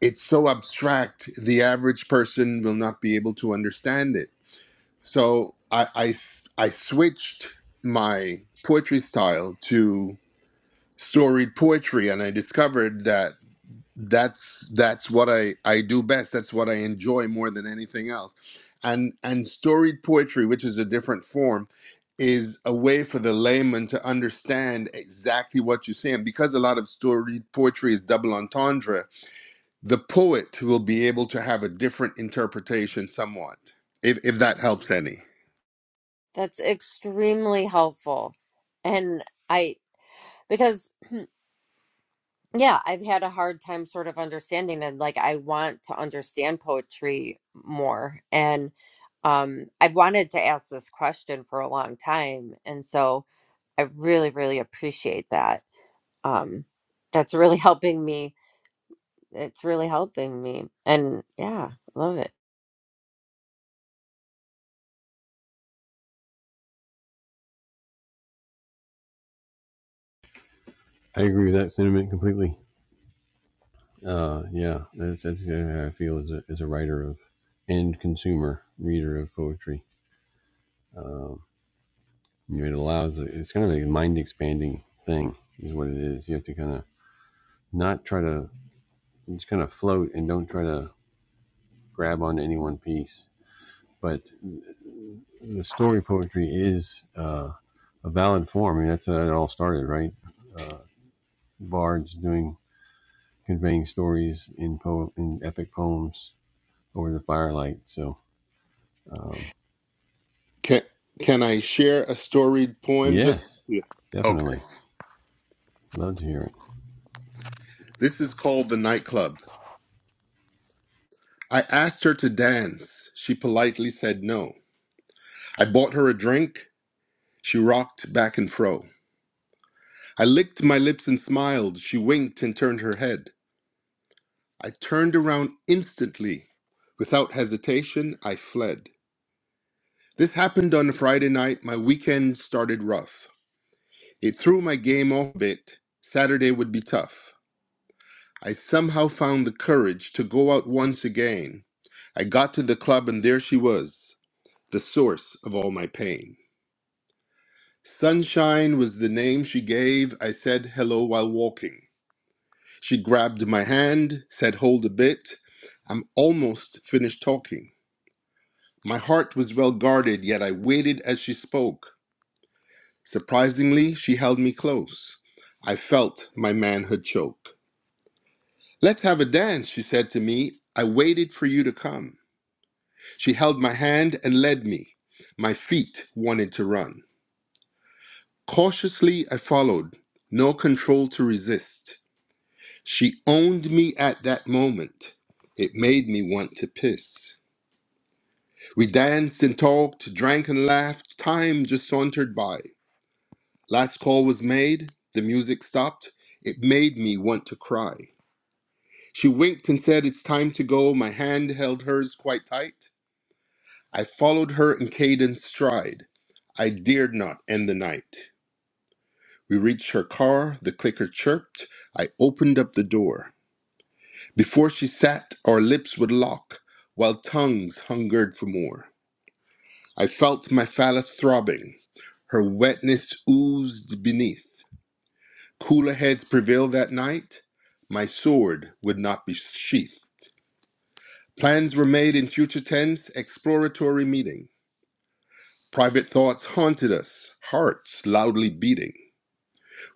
it's so abstract the average person will not be able to understand it so i i, s- I switched my poetry style to storied poetry and i discovered that that's that's what I I do best. That's what I enjoy more than anything else. And and storied poetry, which is a different form, is a way for the layman to understand exactly what you're saying. Because a lot of storied poetry is double entendre, the poet will be able to have a different interpretation somewhat, if if that helps any.
That's extremely helpful. And I, because yeah, I've had a hard time sort of understanding and like I want to understand poetry more. And um, I've wanted to ask this question for a long time. And so I really, really appreciate that. Um, that's really <laughs> helping me. It's really helping me. And yeah, love it.
Can can I share a storied poem? Just okay. This is called the nightclub. I asked her to dance. She politely said no. I bought her a drink. She rocked back and fro. I licked my lips and smiled. She winked and turned her head. I turned around instantly. Without hesitation, I fled. This happened on a Friday night. My weekend started rough. It threw my game off a bit. Saturday would be tough. I somehow found the courage to go out once again. I got to the club and there she was, the source of all my pain. Sunshine was the name she gave. I said hello while walking. She grabbed my hand, said, Hold a bit. I'm almost finished talking. My heart was well guarded, yet I waited as she spoke. Surprisingly, she held me close. I felt my manhood choke. Let's have a dance, she said to me. I waited for you to come. She held my hand and led me. My feet wanted to run. Cautiously, I followed, no control to resist. She owned me at that moment. It made me want to piss. We danced and talked, drank and laughed. Time just sauntered by. Last call was made. The music stopped. It made me want to cry. She winked and said, It's time to go. My hand held hers quite tight. I followed her in cadence stride. I dared not end the night. We reached her car. The clicker chirped. I opened up the door. Before she sat, our lips would lock, while tongues hungered for more. I felt my phallus throbbing, her wetness oozed beneath. Cooler heads prevailed that night, my sword would not be sheathed. Plans were made in future tense, exploratory meeting. Private thoughts haunted us, hearts loudly beating.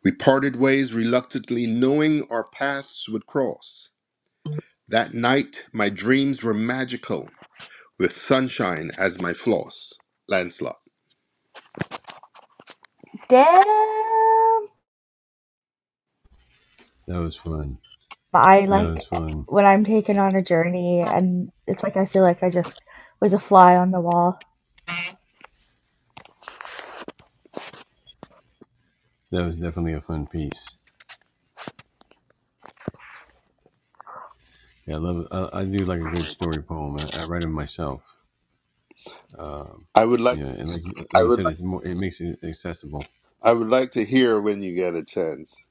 We parted ways reluctantly, knowing our paths would cross. That night, my dreams were magical. with sunshine as my floss. Lancelot.
Damn. I like when I'm taken on a journey, and it's like I feel like I just was a fly on the wall.
I would like I would I would like to hear when you get a chance.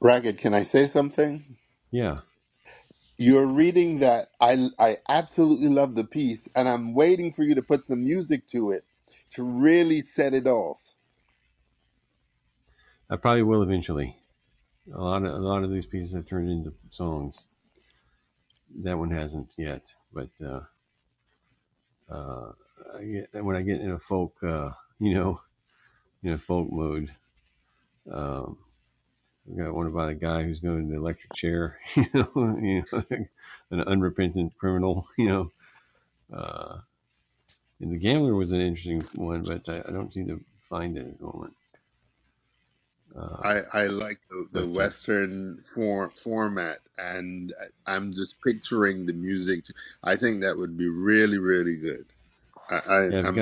Ragged, can I say something? You're reading that I I absolutely love the piece and I'm waiting for you to put some music to it to really set it off. I, I like the, the Western form, format, and I- I'm just picturing the music. I think that would be really, really good. I, I, I'm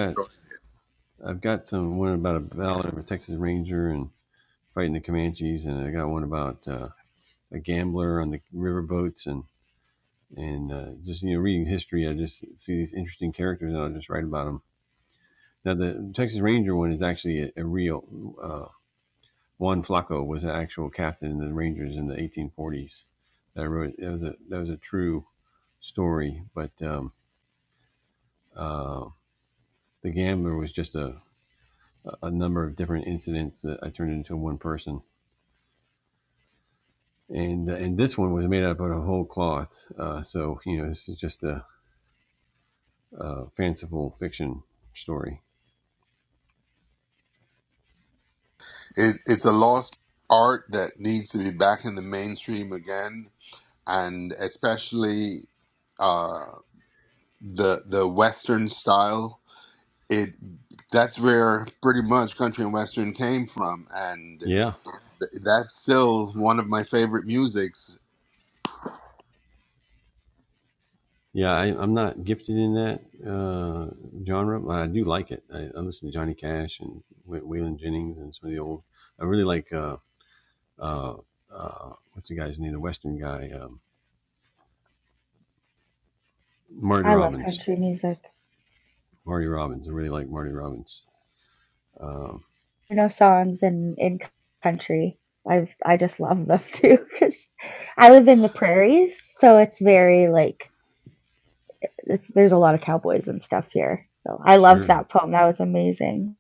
it, it's a lost art that needs to be back in the mainstream again, and especially uh, the the Western style. It that's where pretty much country and Western came from, and th- that's still one of my favorite musics.
I love country music. You know, songs in in country. I've I just love them too <laughs> because I live in the prairies, so it's very like it's, there's a lot of cowboys and stuff here. So I loved that poem. That was amazing.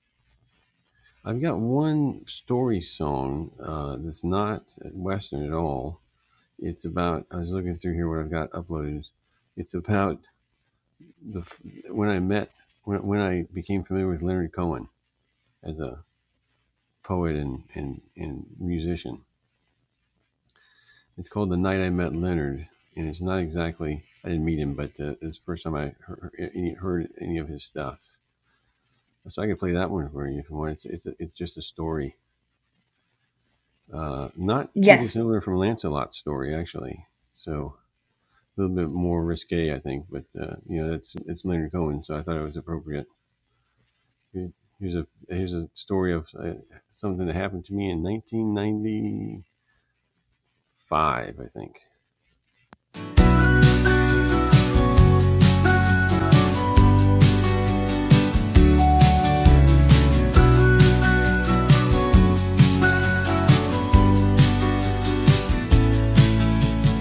Yes.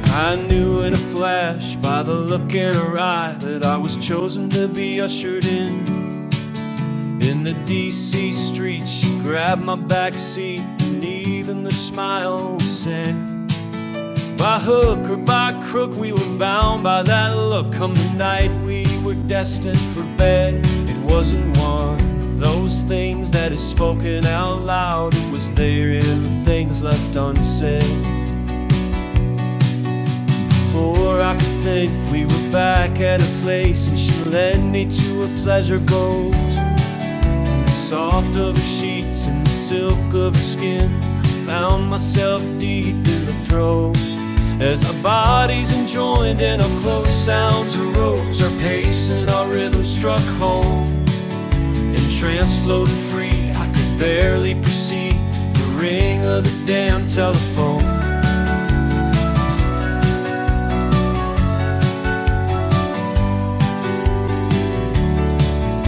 I knew in a flash by the look in her eye that I was chosen to be ushered in. In the DC streets, she grabbed my back seat, and even her smile was sad. By hook or by crook, we were bound by that look. Come the night, we were destined for bed. It wasn't one of those things that is spoken out loud. It was there in the things left unsaid. For I could think we were back at a place, and she led me to a pleasure boat. Soft of her sheets and the silk of her skin. Found myself deep in the throes. As our bodies enjoined and our close sounds arose, our pace and our rhythm struck home. Entranced, floated free, I could barely perceive the ring of the damn telephone.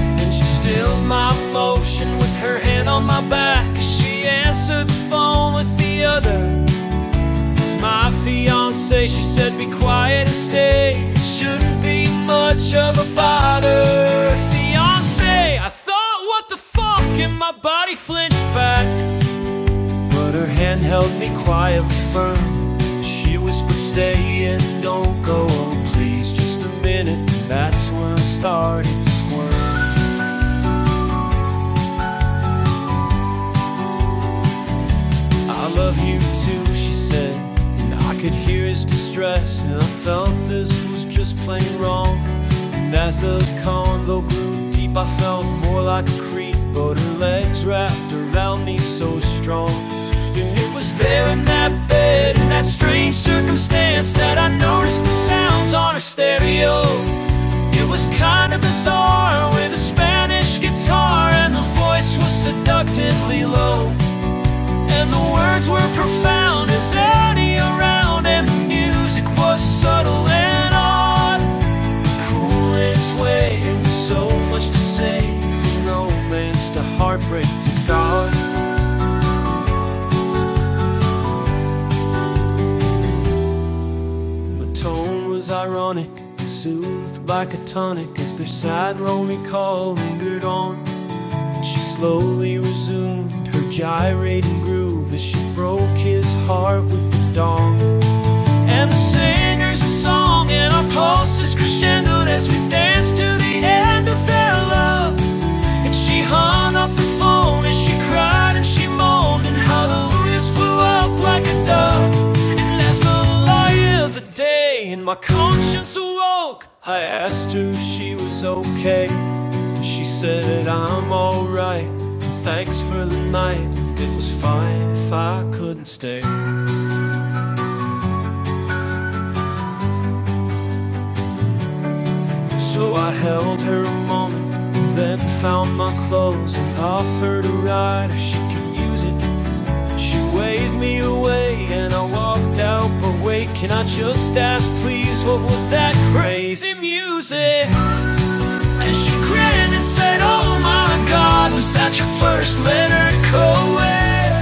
And she stilled my motion with her hand on my back as she answered the phone with the other. It's my fiance, she said be quiet and stay. It Shouldn't be much of a bother. Fiance, I thought, what the fuck? And my body flinched back. But her hand held me quietly firm. She whispered, stay in, don't go, oh please, just a minute. That's when I started to squirm. I love you too, she said. And I could hear his distress, and I felt this was just plain wrong. And as the condo grew deep, I felt more like a creep, but her legs wrapped around me so strong. And it was there in that bed, in that strange circumstance, that I noticed the sounds on her stereo. It was kinda bizarre with a Spanish guitar, and the voice was seductively low. And the words were profound as any around, and the music was subtle and odd. Coolest way, and so much to say. From romance to heartbreak to God. The tone was ironic, soothed like a tonic as their sad, lonely call lingered on. She slowly resumed her gyrating groove as she broke his heart with the dawn. And the singers a song and our pulses crescendoed as we danced to the end of their love. And she hung up the phone and she cried and she moaned and hallelujahs flew up like a dove. And as the light of the day and my conscience awoke, I asked her if she was okay. And she said, I'm alright. Thanks for the night. It was fine if I couldn't stay. So I held her a moment, then found my clothes and offered a ride if she could use it. She waved me away and I walked out, but wait, can I just ask please what was that crazy music? And she grinned and said, Oh my god, was that your first letter co-ed?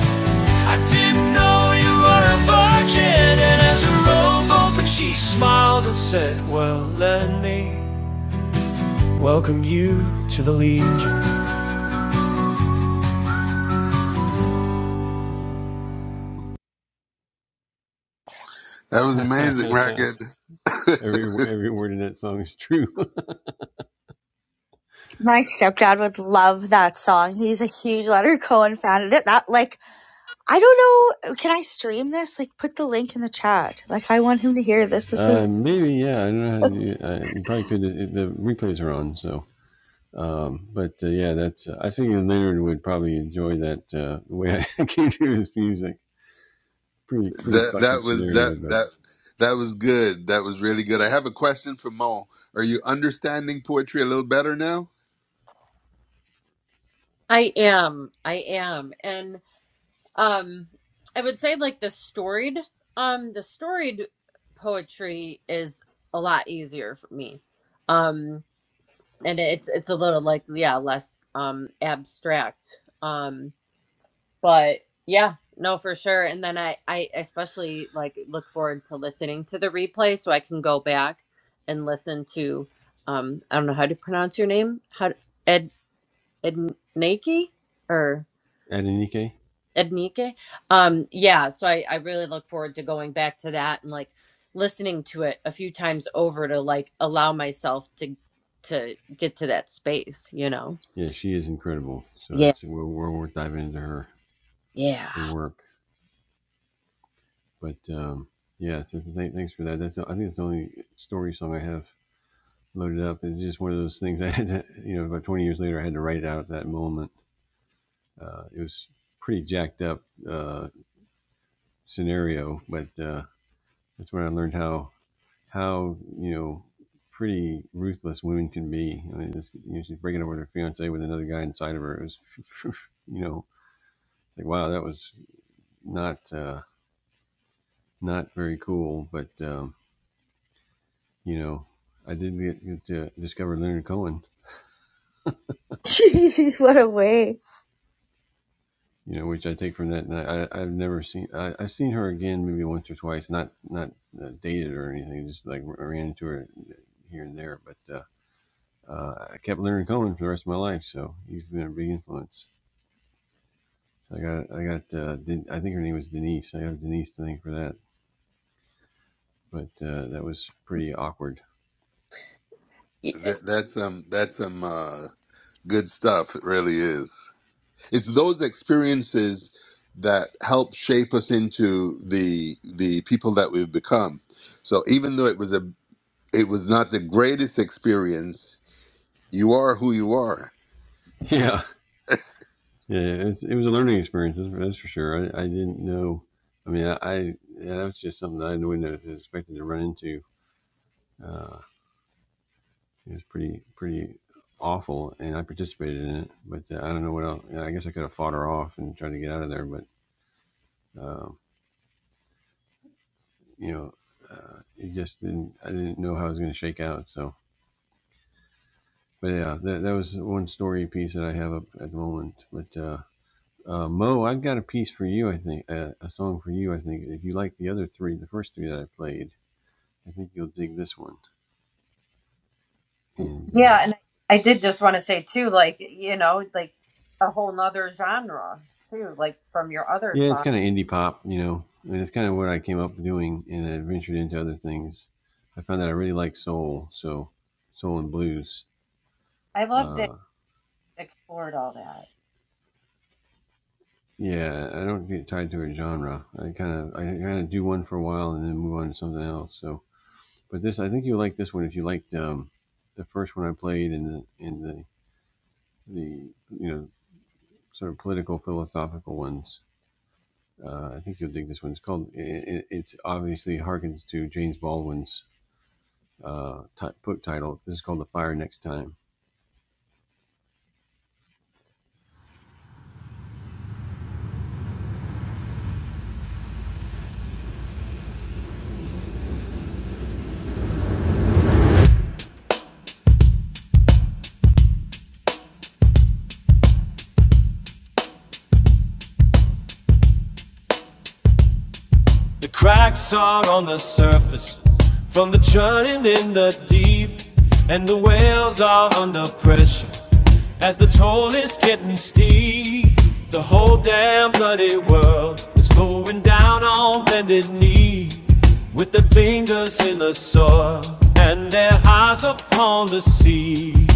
I didn't know you were a virgin And as a rowboat, but she smiled and said, well, let me Welcome you to the Legion.
That was amazing, Ragged. <laughs> that
My stepdad would love that song. He's a huge Leonard Cohen fan. And it that like I don't know. Can I stream this? Like, put the link in the chat. Like, I want him to hear this. This is
that was that that. That was good. That was really good. I have a question for Mo. Are you understanding poetry a little better now?
I am. I am. And Um, I would say like the storied, um, the storied poetry is a lot easier for me. Um, and it's it's a little like yeah, less um abstract. Um, but yeah, no, for sure. And then I I especially like look forward to listening to the replay so I can go back and listen to um I don't know how to pronounce your name. How Ed Ednaki or Ednike. Um, yeah, so I, I really look forward to going back to that and like listening to it a few times over to like allow myself to to get to that space, you know. Yeah. Yeah.
<laughs> what a way.
Y-
That, that's um that's some uh, good stuff. It really is. It's those experiences that help shape us into the the people that we've become. So even though it was a it was not the greatest experience, you are who you are.
Yeah, and I I did just want to say too, like you know, like a whole nother genre too, like from your other song. I love that you explored all that.
The cracks are on the surface from the churning in the deep, and the whales are under pressure as the toll is getting steep. The whole damn bloody world is going down on bended knee with their fingers in the soil and their eyes upon the sea.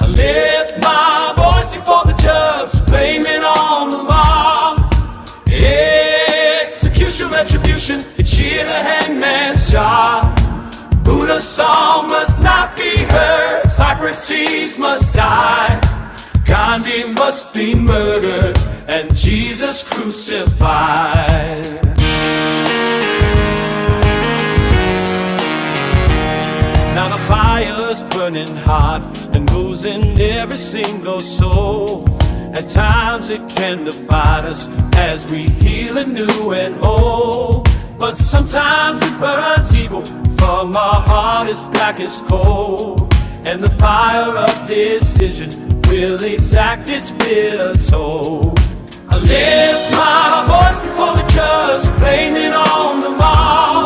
I lift my voice before the judge, blaming on the mob. Yeah, Execution, retribution, it's sheer the hangman's job. Buddha's song must not be heard, Socrates must die, Gandhi must be murdered, and Jesus crucified. Now the fire's burning hot and losing every single soul. At times it can divide us as we heal anew and whole. But sometimes it burns evil from our heart as black as coal. And the fire of decision will exact its bitter toll. Not a voice before the judge, blaming on the mob.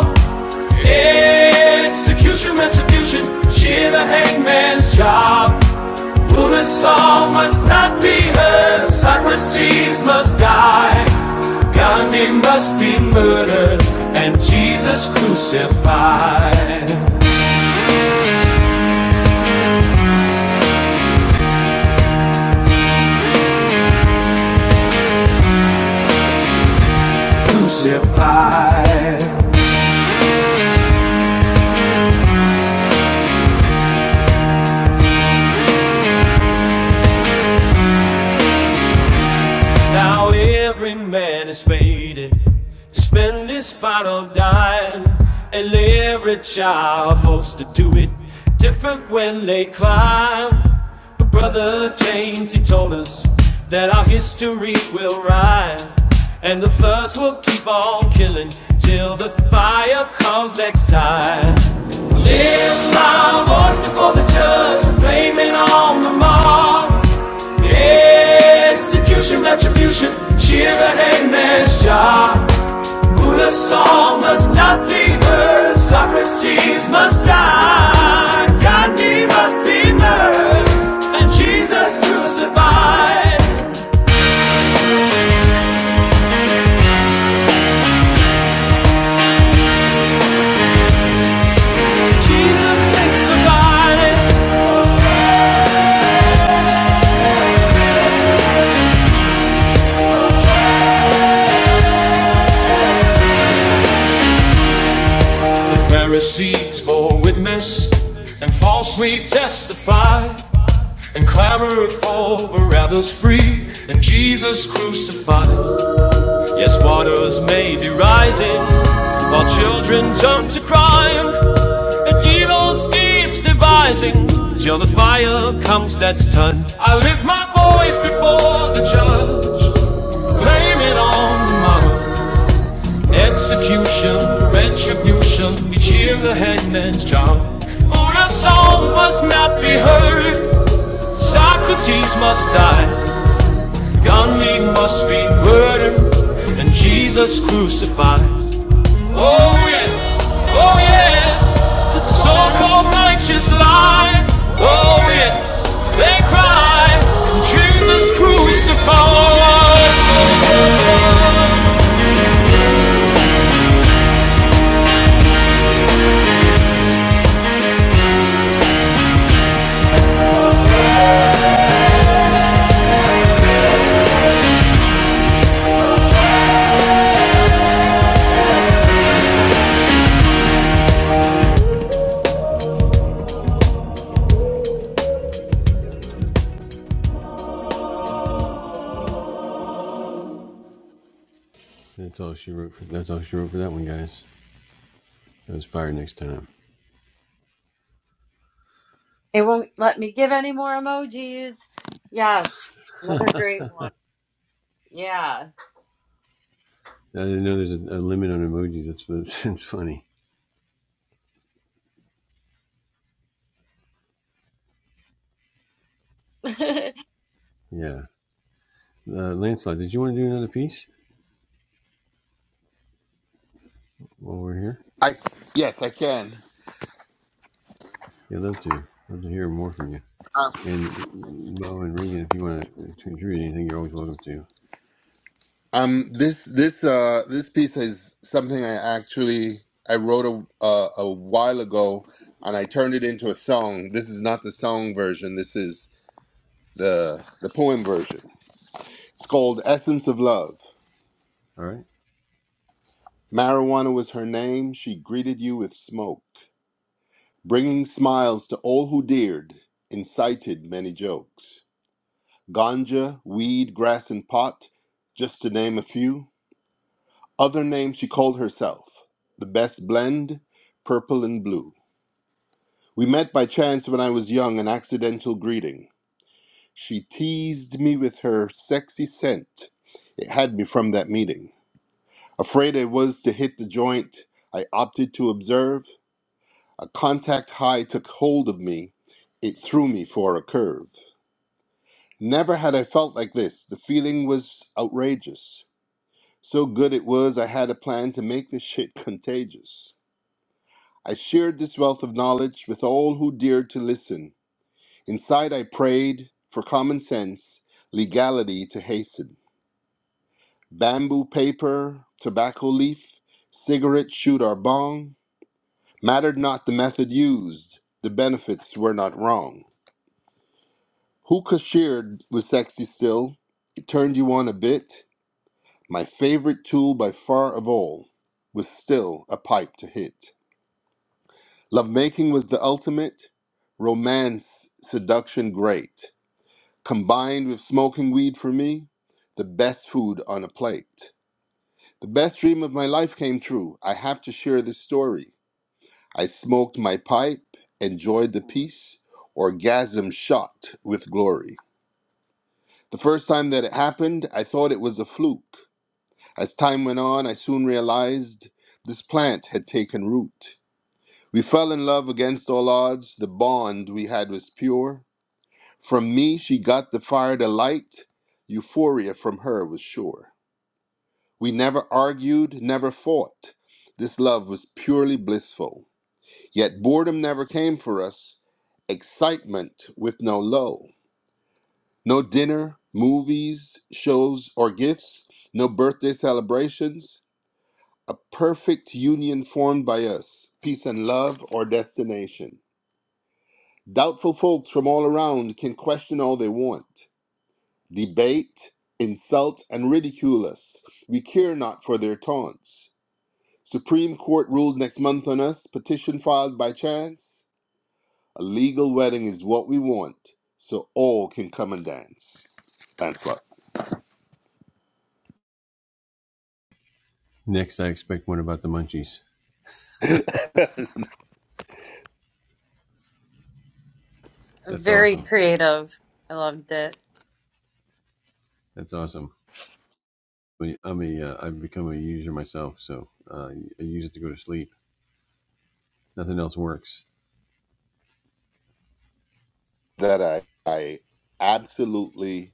Execution, retribution, cheer the hangman's job. Lunar Saul must not be heard, Socrates must die, Gandhi must be murdered, and Jesus crucified, crucified. Now every man is fated to spend his final dime, and every child hopes to do it different when they climb. But brother James, he told us that our history will rhyme, and the floods will keep on killing till the fire comes next time. Lift my voice before the judge, blaming on the mob. Execution, retribution, cheer the hangman's job. Mullah Saul must not be burned, Socrates must die, Gandhi must be murdered, and Jesus crucified. Jesus crucified. The Pharisees bore witness and falsely testified. I for, but others free, and Jesus. Yes, waters may be rising while children turn to crime and evil schemes devising till the fire comes that's done. I lift my voice before the judge, blame it on mama. Execution, retribution, we cheer the headman's job. Una song must not be heard, Socrates must die, Gandhi must be murdered, and Jesus crucified. Oh yes, oh yes, the so-called righteous lie. Oh yes, they cry, Jesus crucified.
It won't let me give any more emojis. Yes. Another great one. Yeah. <laughs>
I yes, I can. Uh, Um, this this uh this piece is something I actually I wrote a a, a while ago, and I turned it into a song. This is not the song version. This is the the poem version. It's called Essence of Love. Marijuana was her name. She greeted you with smoke, bringing smiles to all who dared, incited many jokes. Ganja, weed, grass, and pot, just to name a few. Other names she called herself. The best blend, purple and blue. We met by chance when I was young, an accidental greeting. She teased me with her sexy scent. It had me from that meeting. Afraid I was to hit the joint, I opted to observe. A contact high took hold of me. It threw me for a curve. Never had I felt like this. The feeling was outrageous. So good it was, I had a plan to make this shit <laughs> contagious. I shared this wealth of knowledge with all who dared to listen. Inside, I prayed for common sense, legality to hasten. Bamboo paper, tobacco leaf, cigarette shoot or bong. Mattered not the method used, the benefits were not wrong. Hookah sheared was sexy still, it turned you on a bit. My favorite tool by far of all was still a pipe to hit. Lovemaking was the ultimate, romance, seduction great. Combined with smoking weed for me, the best food on a plate. The best dream of my life came true. I have to share this story. I smoked my pipe, enjoyed the peace, orgasm shot with glory. The first time that it happened, I thought it was a fluke. As time went on, I soon realized this plant had taken root. We fell in love against all odds. The bond we had was pure. From me, she got the fire to light. Euphoria from her was sure. We never argued, never fought. This love was purely blissful. Yet boredom never came for us, excitement with no low. No dinner, movies, shows, or gifts, no birthday celebrations. A perfect union formed by us, peace and love, or destination. Doubtful folks from all around can question all they want, debate, insult, and ridicule us. We care not for their taunts. Supreme Court ruled next month on us, petition filed by chance. A legal wedding is what we want, so all can come and dance. Thanks a lot.
Very creative. I loved it.
That I, I absolutely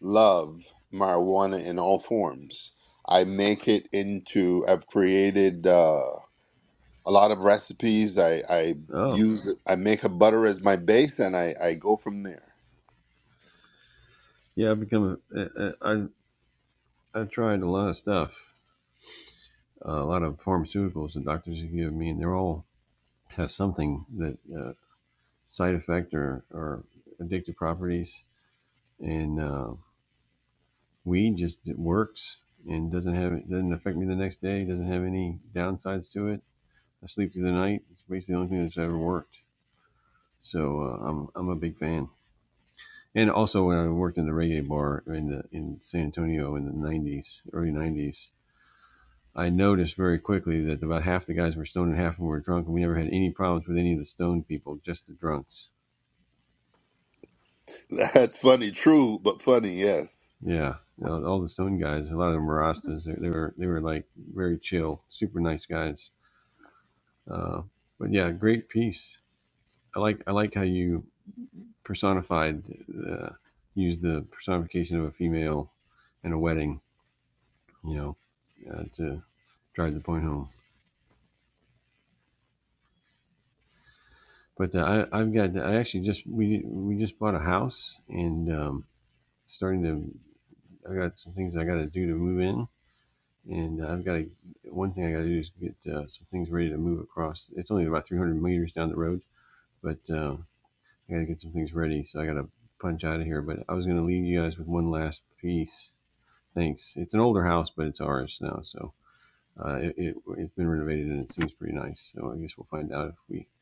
love marijuana in all forms. I make it into, I've created uh, a lot of recipes. I, I use, I make a butter as my base and I, I go from there. <laughs> That's funny, true, but funny, yes.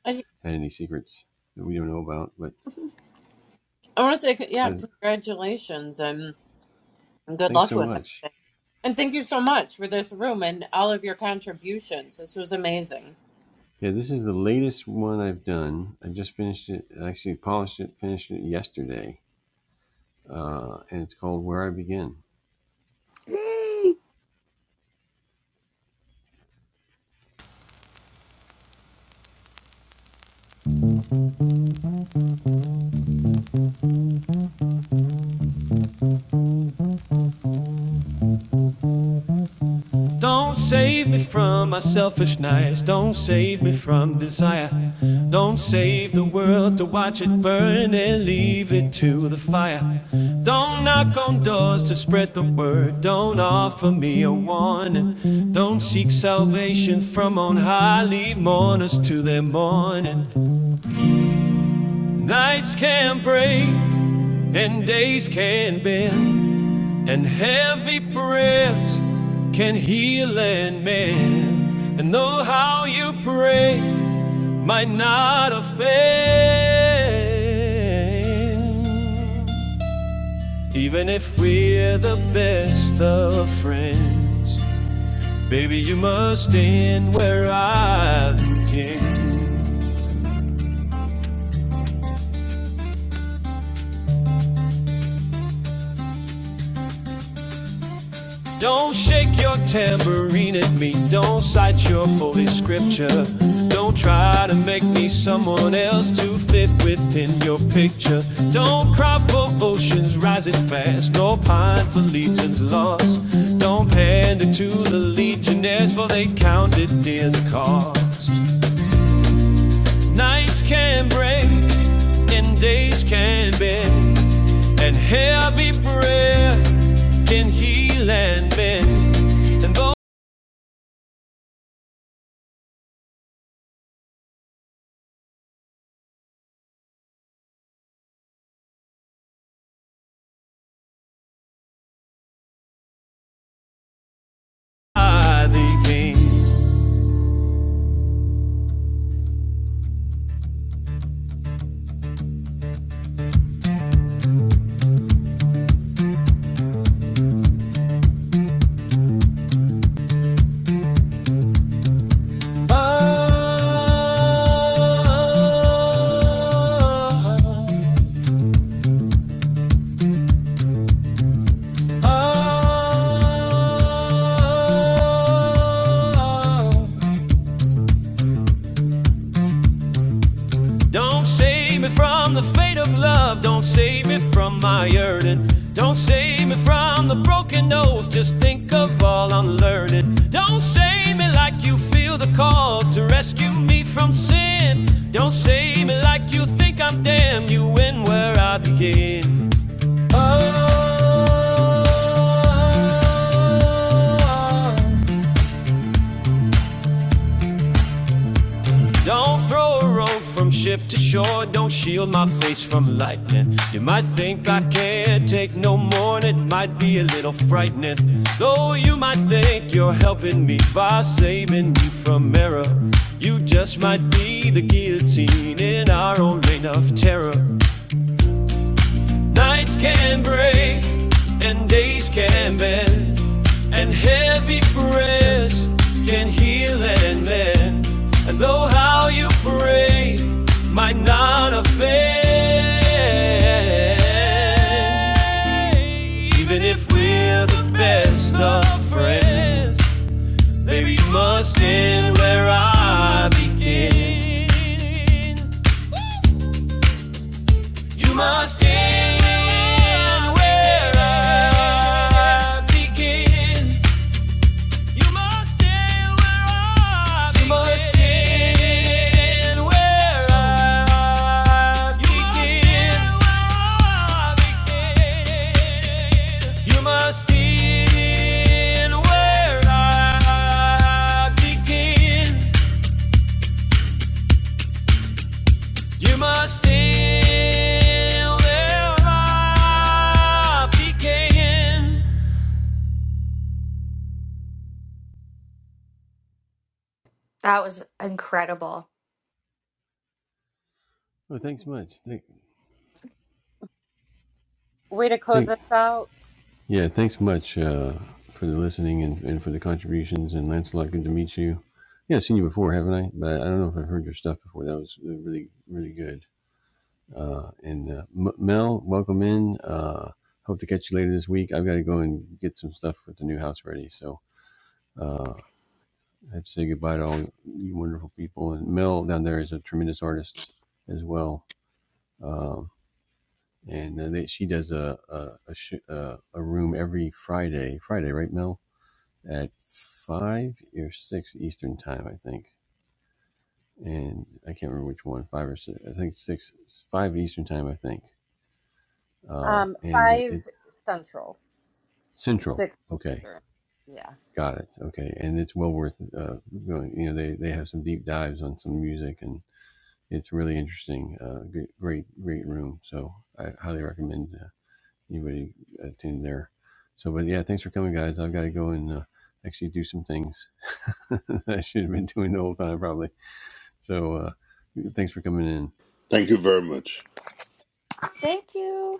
I, I want to say, yeah, congratulations and good luck with it. And thank you so much for this room and all of your contributions. This was amazing.
Yay!
Don't save me from my selfishness. Don't save me from desire. Don't save the world to watch it burn and leave it to the fire. Don't knock on doors to spread the word. Don't offer me a warning. Don't seek salvation from on high. Leave mourners to their mourning. Nights can break and days can bend. And heavy prayers can heal and mend. And though how you pray might not offend. Even if we're the best of friends, baby, you must end where I begin. Don't shake your tambourine at me. Don't cite your holy scripture. Don't try to make me someone else to fit within your picture. Don't cry for oceans rising fast, nor pine for legions lost. Don't pander to the legionnaires, for they counted in the cost. Nights can break, and days can bend, and heavy prayer can heal and bend. And though by the Ah, ah, ah, ah. Don't save me from the fate of love. Don't save me from my yearning. Don't save me from the broken nose. Just think of all I'm learning. Don't save me like you feel the call to rescue me from sin. Don't save me like you think I'm damned. You win where I begin. Oh. Don't throw a rope from ship to shore. Don't shield my face from lightning. You might think I can't take no more, and it might be a little frightening. Though you might think you're helping me by saving me from error. You just might be the guillotine in our own reign of terror. Nights can break and days can bend, and heavy prayers can heal and mend. And though how you pray might not offend, even if we're the best of friends, baby, you must end where I begin. You must end where I begin. You must end where I begin. You must end where I begin. You must end where I begin. You must still live up, decaying.
That was incredible.
Way to close us out. Um, five central, six. Eastern. Yeah.
Thank you very much.
Thank you.